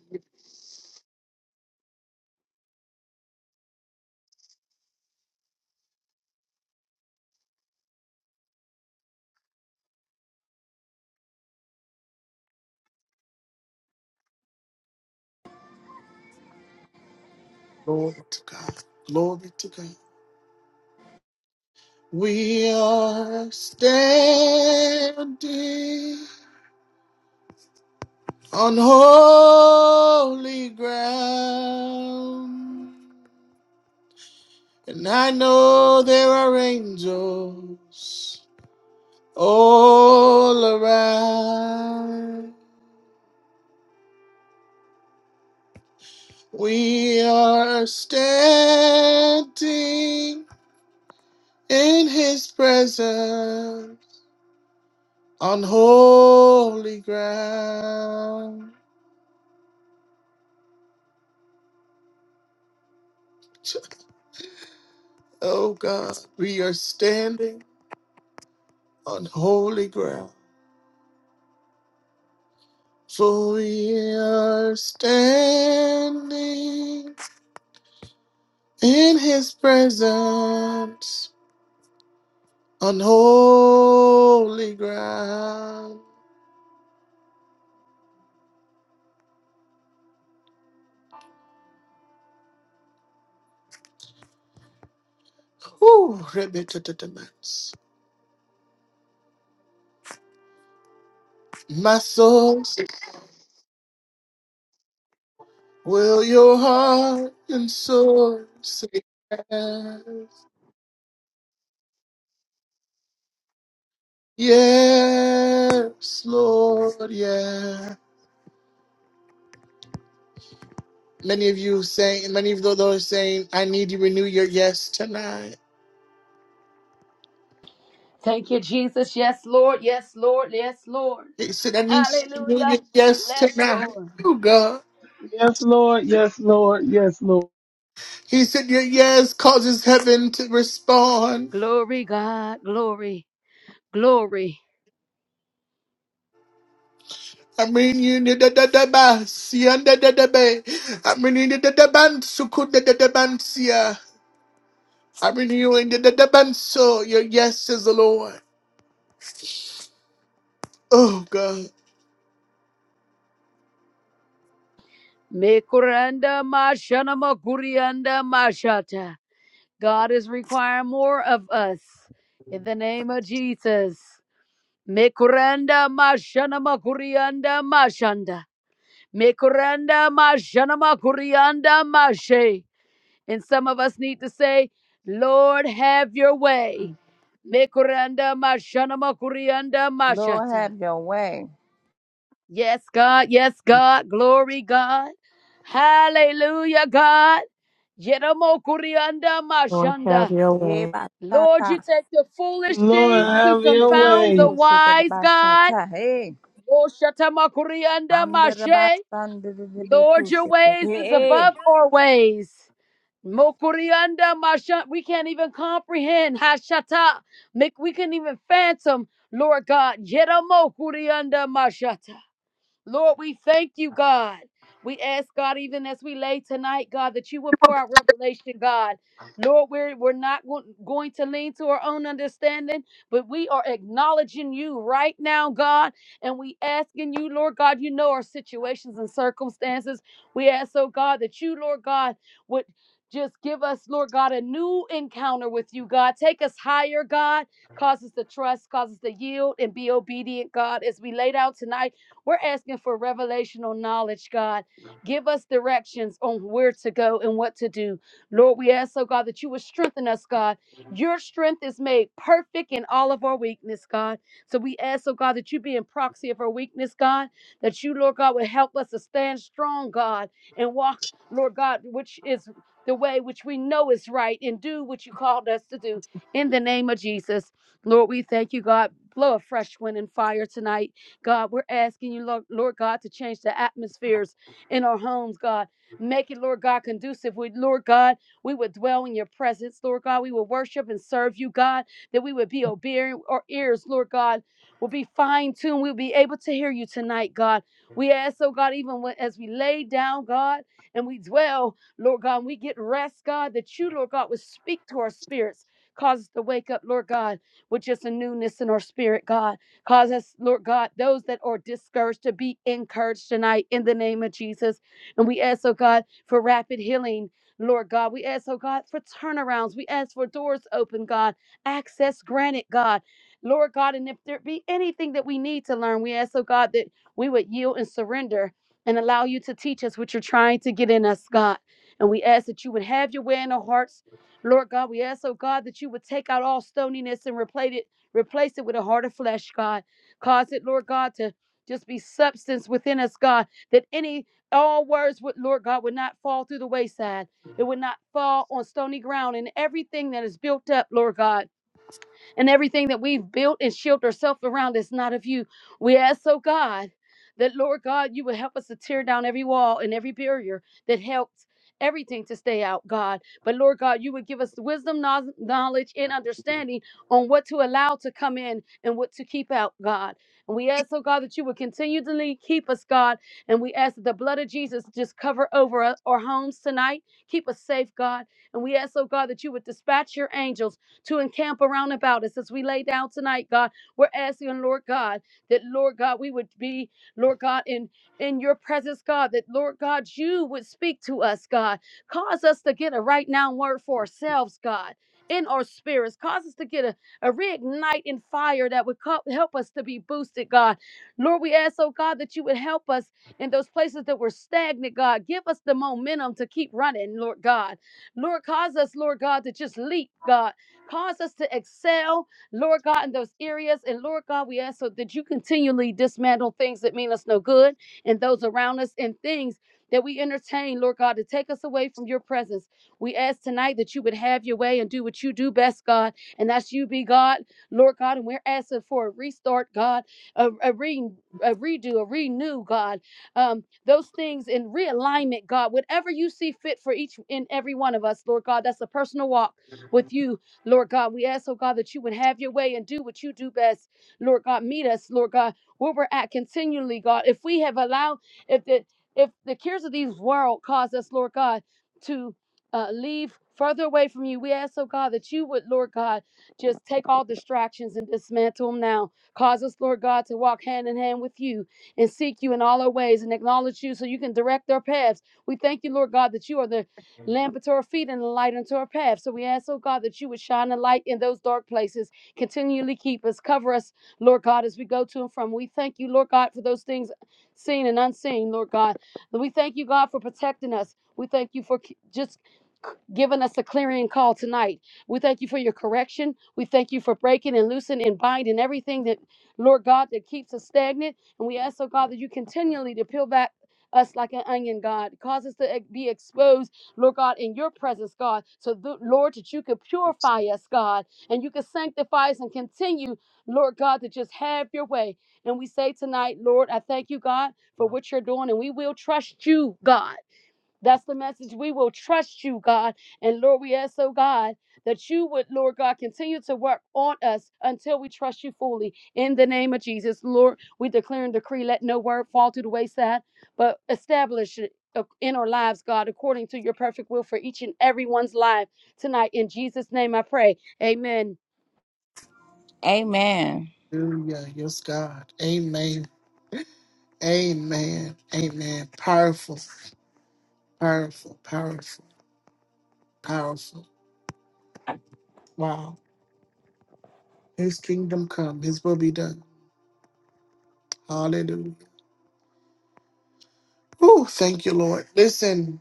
S1: Glory to God. Glory to God. We are standing. on holy ground. And I know there are angels all around. We are standing in his presence on holy ground. Oh God, we are standing on holy ground. For we are standing in his presence on holy ground. Ooh, ribbit-a-da-da-mats. My soul, will your heart and soul say yes? Yes, Lord, yeah. Many of you saying, many of those are saying, I need to renew your yes tonight.
S4: Thank you, Jesus. Yes, Lord. Yes, Lord. Yes, Lord.
S1: He said, I need to know your
S4: Hallelujah.
S1: yes
S4: Let
S1: tonight,
S4: your
S1: oh God.
S10: Yes, Lord. Yes, Lord. Yes, Lord.
S1: He said, your yes causes heaven to respond.
S4: glory, God, glory, glory.
S1: I mean, you need the da da ba, si and da da I mean, you need the da ban, so could the da da si ah. I mean, you in the da da ban, so your yes is the Lord. Oh God.
S4: Mekuranda mashana makurianda mashata. God is requiring more of us in the name of Jesus. Mekuranda mashana makurianda mashanda. Mekuranda mashana makurianda mashe. And some of us need to say, Lord, have your way. Mekuranda mashana makurianda
S2: Lord,
S4: mashata.
S2: have your way.
S4: Yes, God. Yes, God. Glory, God. Hallelujah, God. Yeramokurianda
S7: Lord, have
S4: mashanda.
S7: your
S2: Hey,
S7: way.
S4: Lord, you
S2: basata.
S4: take the foolish
S10: Lord,
S4: things to
S10: have
S2: Mande
S10: your
S2: gerebe
S4: confound the
S10: way.
S2: kushe gerebe
S4: wise God.
S2: basata. Hey.
S4: Oshatamakuriyanda
S2: Andere
S4: mashe.
S2: basande gerebe
S4: Lord, your
S2: kushe gerebe.
S4: ways is
S2: Hey.
S4: above our ways. Mokurianda masha. We can't even comprehend. Hashata. Make we can't even phantom. Lord God. Yeramokurianda mashata. Lord, we thank you, God. We ask, God, even as we lay tonight, God, that you will pour out revelation, God. Lord, we're, we're not go- going to lean to our own understanding, but we are acknowledging you right now, God. And we asking you, Lord God, you know our situations and circumstances. We ask, oh God, that you, Lord God, would just give us, Lord God, a new encounter with you, God. Take us higher, God. Cause us to trust, cause us to yield and be obedient, God, as we laid out tonight. We're asking for revelational knowledge, God. Give us directions on where to go and what to do. Lord, we ask, oh God, that you would strengthen us, God. Your strength is made perfect in all of our weakness, God. So we ask, oh God, that you be in proxy of our weakness, God. That you, Lord God, would help us to stand strong, God, and walk, Lord God, which is the way which we know is right and do what you called us to do in the name of Jesus. Lord, we thank you, God. Blow a fresh wind and fire tonight. God, we're asking you, Lord, Lord God, to change the atmospheres in our homes, God. Make it, Lord God, conducive. We, Lord God, we would dwell in your presence, Lord God. We would worship and serve you, God, that we would be obedient. Our ears, Lord God, will be fine tuned. We'll be able to hear you tonight, God. We ask, oh God, even when, as we lay down, God, and we dwell, Lord God, and we get rest, God, that you, Lord God, would speak to our spirits. Cause us to wake up, Lord God, with just a newness in our spirit, God. Cause us, Lord God, those that are discouraged to be encouraged tonight in the name of Jesus. And we ask, oh God, for rapid healing. Lord God, we ask, oh God, for turnarounds. We ask for doors open, God, access granted, God. Lord God, and if there be anything that we need to learn, we ask, oh God, that we would yield and surrender and allow you to teach us what you're trying to get in us, God. And we ask that you would have your way in our hearts. Lord God, we ask, oh God, that you would take out all stoniness and replace it Replace it with a heart of flesh, God. Cause it, Lord God, to just be substance within us, God, that any, all words, would, Lord God, would not fall through the wayside. It would not fall on stony ground and everything that is built up, Lord God and everything that we've built and shielded ourselves around is not of you. We ask, oh God, that Lord God, you would help us to tear down every wall and every barrier that helped everything to stay out, God. But Lord God, you would give us wisdom, knowl- knowledge, and understanding on what to allow to come in and what to keep out, God. And we ask, oh God, that you would continually keep us, God. And we ask that the blood of Jesus just cover over uh, our homes tonight. Keep us safe, God. And we ask, oh God, that you would dispatch your angels to encamp around about us as we lay down tonight, God. We're asking, Lord God, that Lord God, we would be, Lord God, in in your presence, God, that Lord God, you would speak to us, God. Cause us to get a right now word for ourselves, God. In our spirits, cause us to get a, a reignite in fire that would co- help us to be boosted, God. Lord, we ask, oh God, that you would help us in those places that we're stagnant, God. Give us the momentum to keep running, Lord God. Lord, cause us, Lord God, to just leap, God. Cause us to excel, Lord God, in those areas. And Lord God, we ask so that you continually dismantle things that mean us no good and those around us and things that we entertain, Lord God, to take us away from your presence. We ask tonight that you would have your way and do what you do best, God, and that's you be God, Lord God. And we're asking for a restart, God, a, a re. A redo, a renew, God, um, those things in realignment, God, whatever you see fit for each and every one of us, Lord God, that's a personal walk with you Lord God, we ask, oh God, that you would have your way and do what you do best. Lord God, meet us, Lord God, where we're at continually, God. If we have allowed, if the if the cares of these world cause us, Lord God, to uh, leave further away from you, we ask, oh God, that you would, Lord God, just take all distractions and dismantle them now. Cause us, Lord God, to walk hand in hand with you and seek you in all our ways and acknowledge you so you can direct our paths. We thank you, Lord God, that you are the lamp unto our feet and a light unto our path. So we ask, oh God, that you would shine a light in those dark places, continually keep us, cover us, Lord God, as we go to and from. We thank you, Lord God, for those things seen and unseen, Lord God. We thank you, God, for protecting us. We thank you for just giving us a clearing call tonight. We thank you for your correction. We thank you for breaking and loosening and binding everything that, Lord God, that keeps us stagnant. And we ask, oh God, that you continually to peel back us like an onion, God. Cause us to eh, be exposed Lord God, in your presence, God. So, th- Lord, that you could purify us, God, and you could sanctify us and continue, Lord God, to just have your way. And we say tonight, Lord, I thank you, God, for what you're doing, and we will trust you, God. That's the message. We will trust you, God. And Lord, we ask, oh God, that you would, Lord God, continue to work on us until we trust you fully. In the name of Jesus, Lord, we declare and decree, let no word fall to the wayside, but establish it uh, in our lives, God, according to your perfect will for each and everyone's life tonight. In Jesus' name I pray. Amen.
S2: Amen.
S1: Hallelujah. Yes, God. Amen. Amen. Amen. Powerful, powerful, powerful, powerful. Wow. His kingdom come, his will be done. Hallelujah. Whew, thank you, Lord. Listen,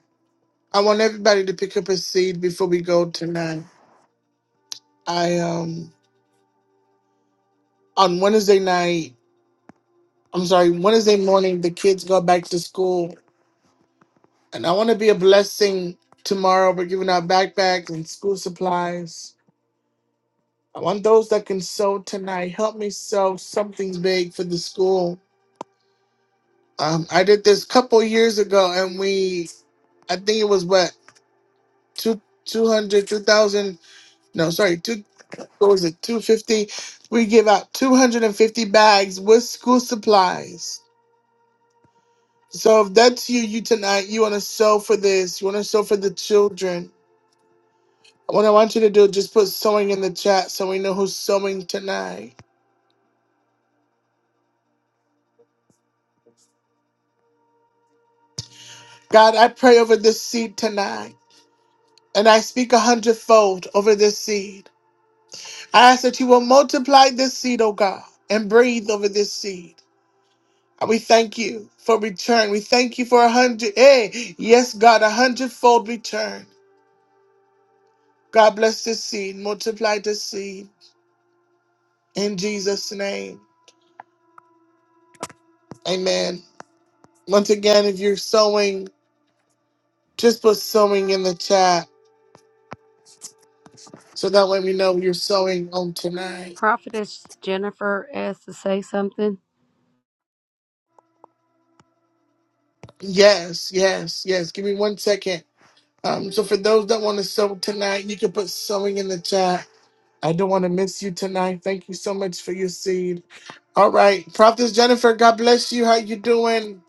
S1: I want everybody to pick up a seed before we go tonight. I um on Wednesday night, I'm sorry, Wednesday morning, the kids go back to school, and I want to be a blessing tomorrow. We're giving out backpacks and school supplies. I want those that can sew tonight. Help me sew something big for the school. Um, I did this couple years ago, and we, I think it was what two two hundred two thousand. No, sorry, 2000 what was it, 250? We give out 250 bags with school supplies. So if that's you, you tonight, you want to sew for this, you want to sew for the children. What I want you to do, just put sewing in the chat so we know who's sewing tonight. God, I pray over this seed tonight, and I speak a hundredfold over this seed. I ask that you will multiply this seed, oh God, and breathe over this seed. And We thank you for return. We thank you for a hundred. Hey, yes, God, a hundredfold return. God bless this seed, multiply this seed in Jesus' name. Amen. Once again, if you're sowing, just put sowing in the chat so that way we know you're sowing on tonight. Yes, yes, yes. Give me one second. Um, so for those that want to sow tonight, you can put sowing in the chat. I don't want to miss you tonight. Thank you so much for your seed. All right, Prophetess Jennifer, God bless you. How you doing?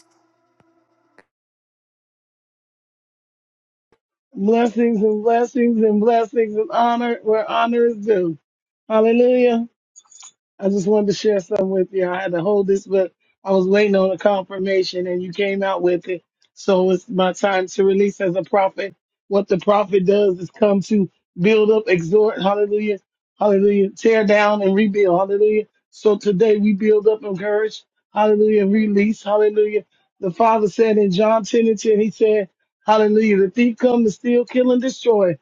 S10: Blessings and blessings and blessings and honor where honor is due. Hallelujah. I just wanted to share something with you. I had to hold this, but I was waiting on a confirmation and you came out with it. So it's my time to release as a prophet. What the prophet does is come to build up, exhort, hallelujah, hallelujah, tear down and rebuild, hallelujah. So today we build up, encourage, hallelujah, and release, hallelujah. The Father said in John 10 and 10, He said, hallelujah, the thief come to steal, kill, and destroy.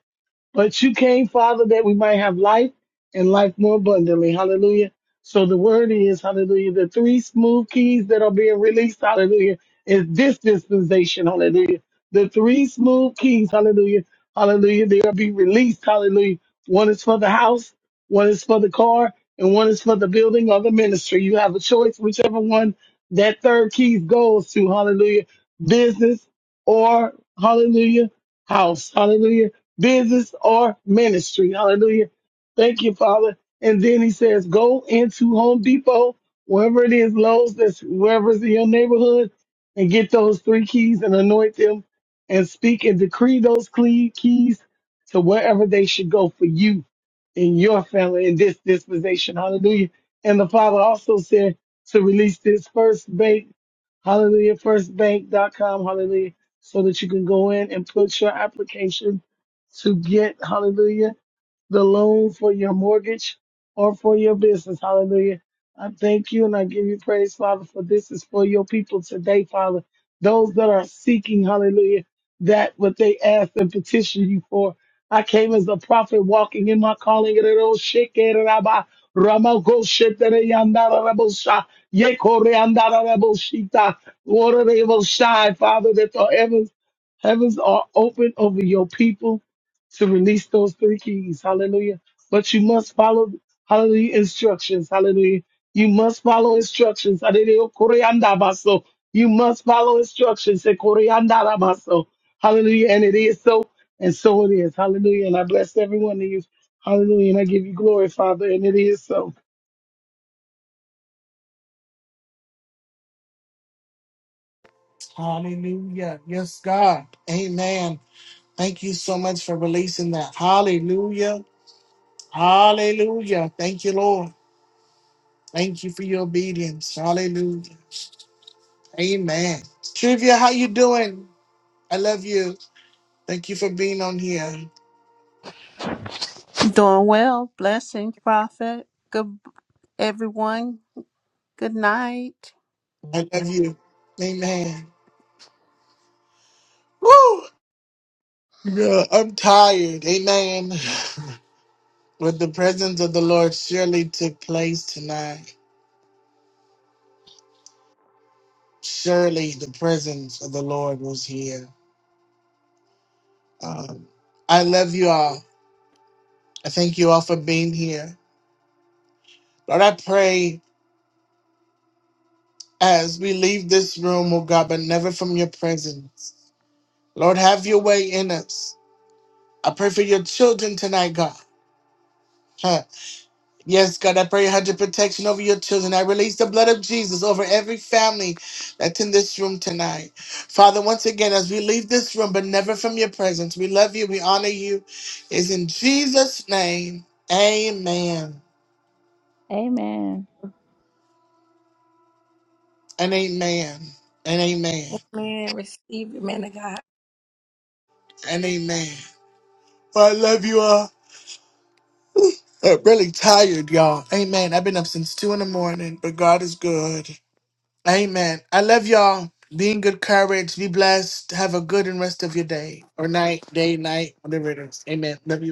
S10: But you came, Father, that we might have life and life more abundantly. Hallelujah. So the word is, hallelujah, the three smooth keys that are being released, hallelujah, is this dispensation, hallelujah. The three smooth keys, hallelujah, hallelujah, they are being released, hallelujah. One is for the house, one is for the car, and one is for the building or the ministry. You have a choice, whichever one that third key goes to, hallelujah, business or, hallelujah, house, hallelujah business or ministry. Hallelujah. Thank you, Father. And then he says, go into Home Depot, wherever it is, Lowe's, that's wherever's in your neighborhood, and get those three keys and anoint them and speak and decree those cle- keys to wherever they should go for you and your family in this dispensation. Hallelujah. And the Father also said to release this first ba- Hallelujah, hallelujahfirstbank.com, hallelujah, so that you can go in and put your application to get, hallelujah the loan for your mortgage or for your business. Hallelujah. I thank you and I give you praise, Father, for this is for your people today, Father. Those that are seeking, hallelujah, that what they ask and petition you for. I came as a prophet walking in my calling. and it all shake it and I buy. Rama go shit that Water they will shine, Father, that the heavens, heavens are open over your people to release those three keys. Hallelujah. But you must follow, hallelujah, instructions. Hallelujah. You must follow instructions. Hallelujah. Koreandabaso. You must follow instructions. Se koreandarabaso. Hallelujah. And it is so, and so it is. Hallelujah. And I bless every one of you. Hallelujah. And I give you glory, Father. And it is so.
S1: Hallelujah. Yes, God. Amen. Thank you so much for releasing that. Hallelujah. Hallelujah. Thank you, Lord. Thank you for your obedience. Hallelujah. Amen. Trivia, how you doing? I love you. Thank you for being on here.
S6: Doing well. Blessings, Prophet. Good everyone. Good night.
S1: I love you. Amen. Woo! Yeah, I'm tired. Amen. But the presence of the Lord surely took place tonight. Surely the presence of the Lord was here. Um, I love you all. I thank you all for being here. Lord, I pray as we leave this room, oh God, but never from your presence. Lord, have your way in us. I pray for your children tonight, God. Huh. Yes, God, I pray you had your protection over your children. I release the blood of Jesus over every family that's in this room tonight. Father, once again, as we leave this room, but never from your presence, we love you, we honor you. It's in Jesus' name. Amen.
S2: Amen.
S1: And amen. And amen.
S9: Amen. Receive it, man of God.
S1: And amen. Well, I love you all. Uh, really tired, y'all. Amen. I've been up since two in the morning, but God is good. Amen. I love y'all. Be in good courage. Be blessed. Have a good and rest of your day or night, day, night, whatever it is. Amen. Love you.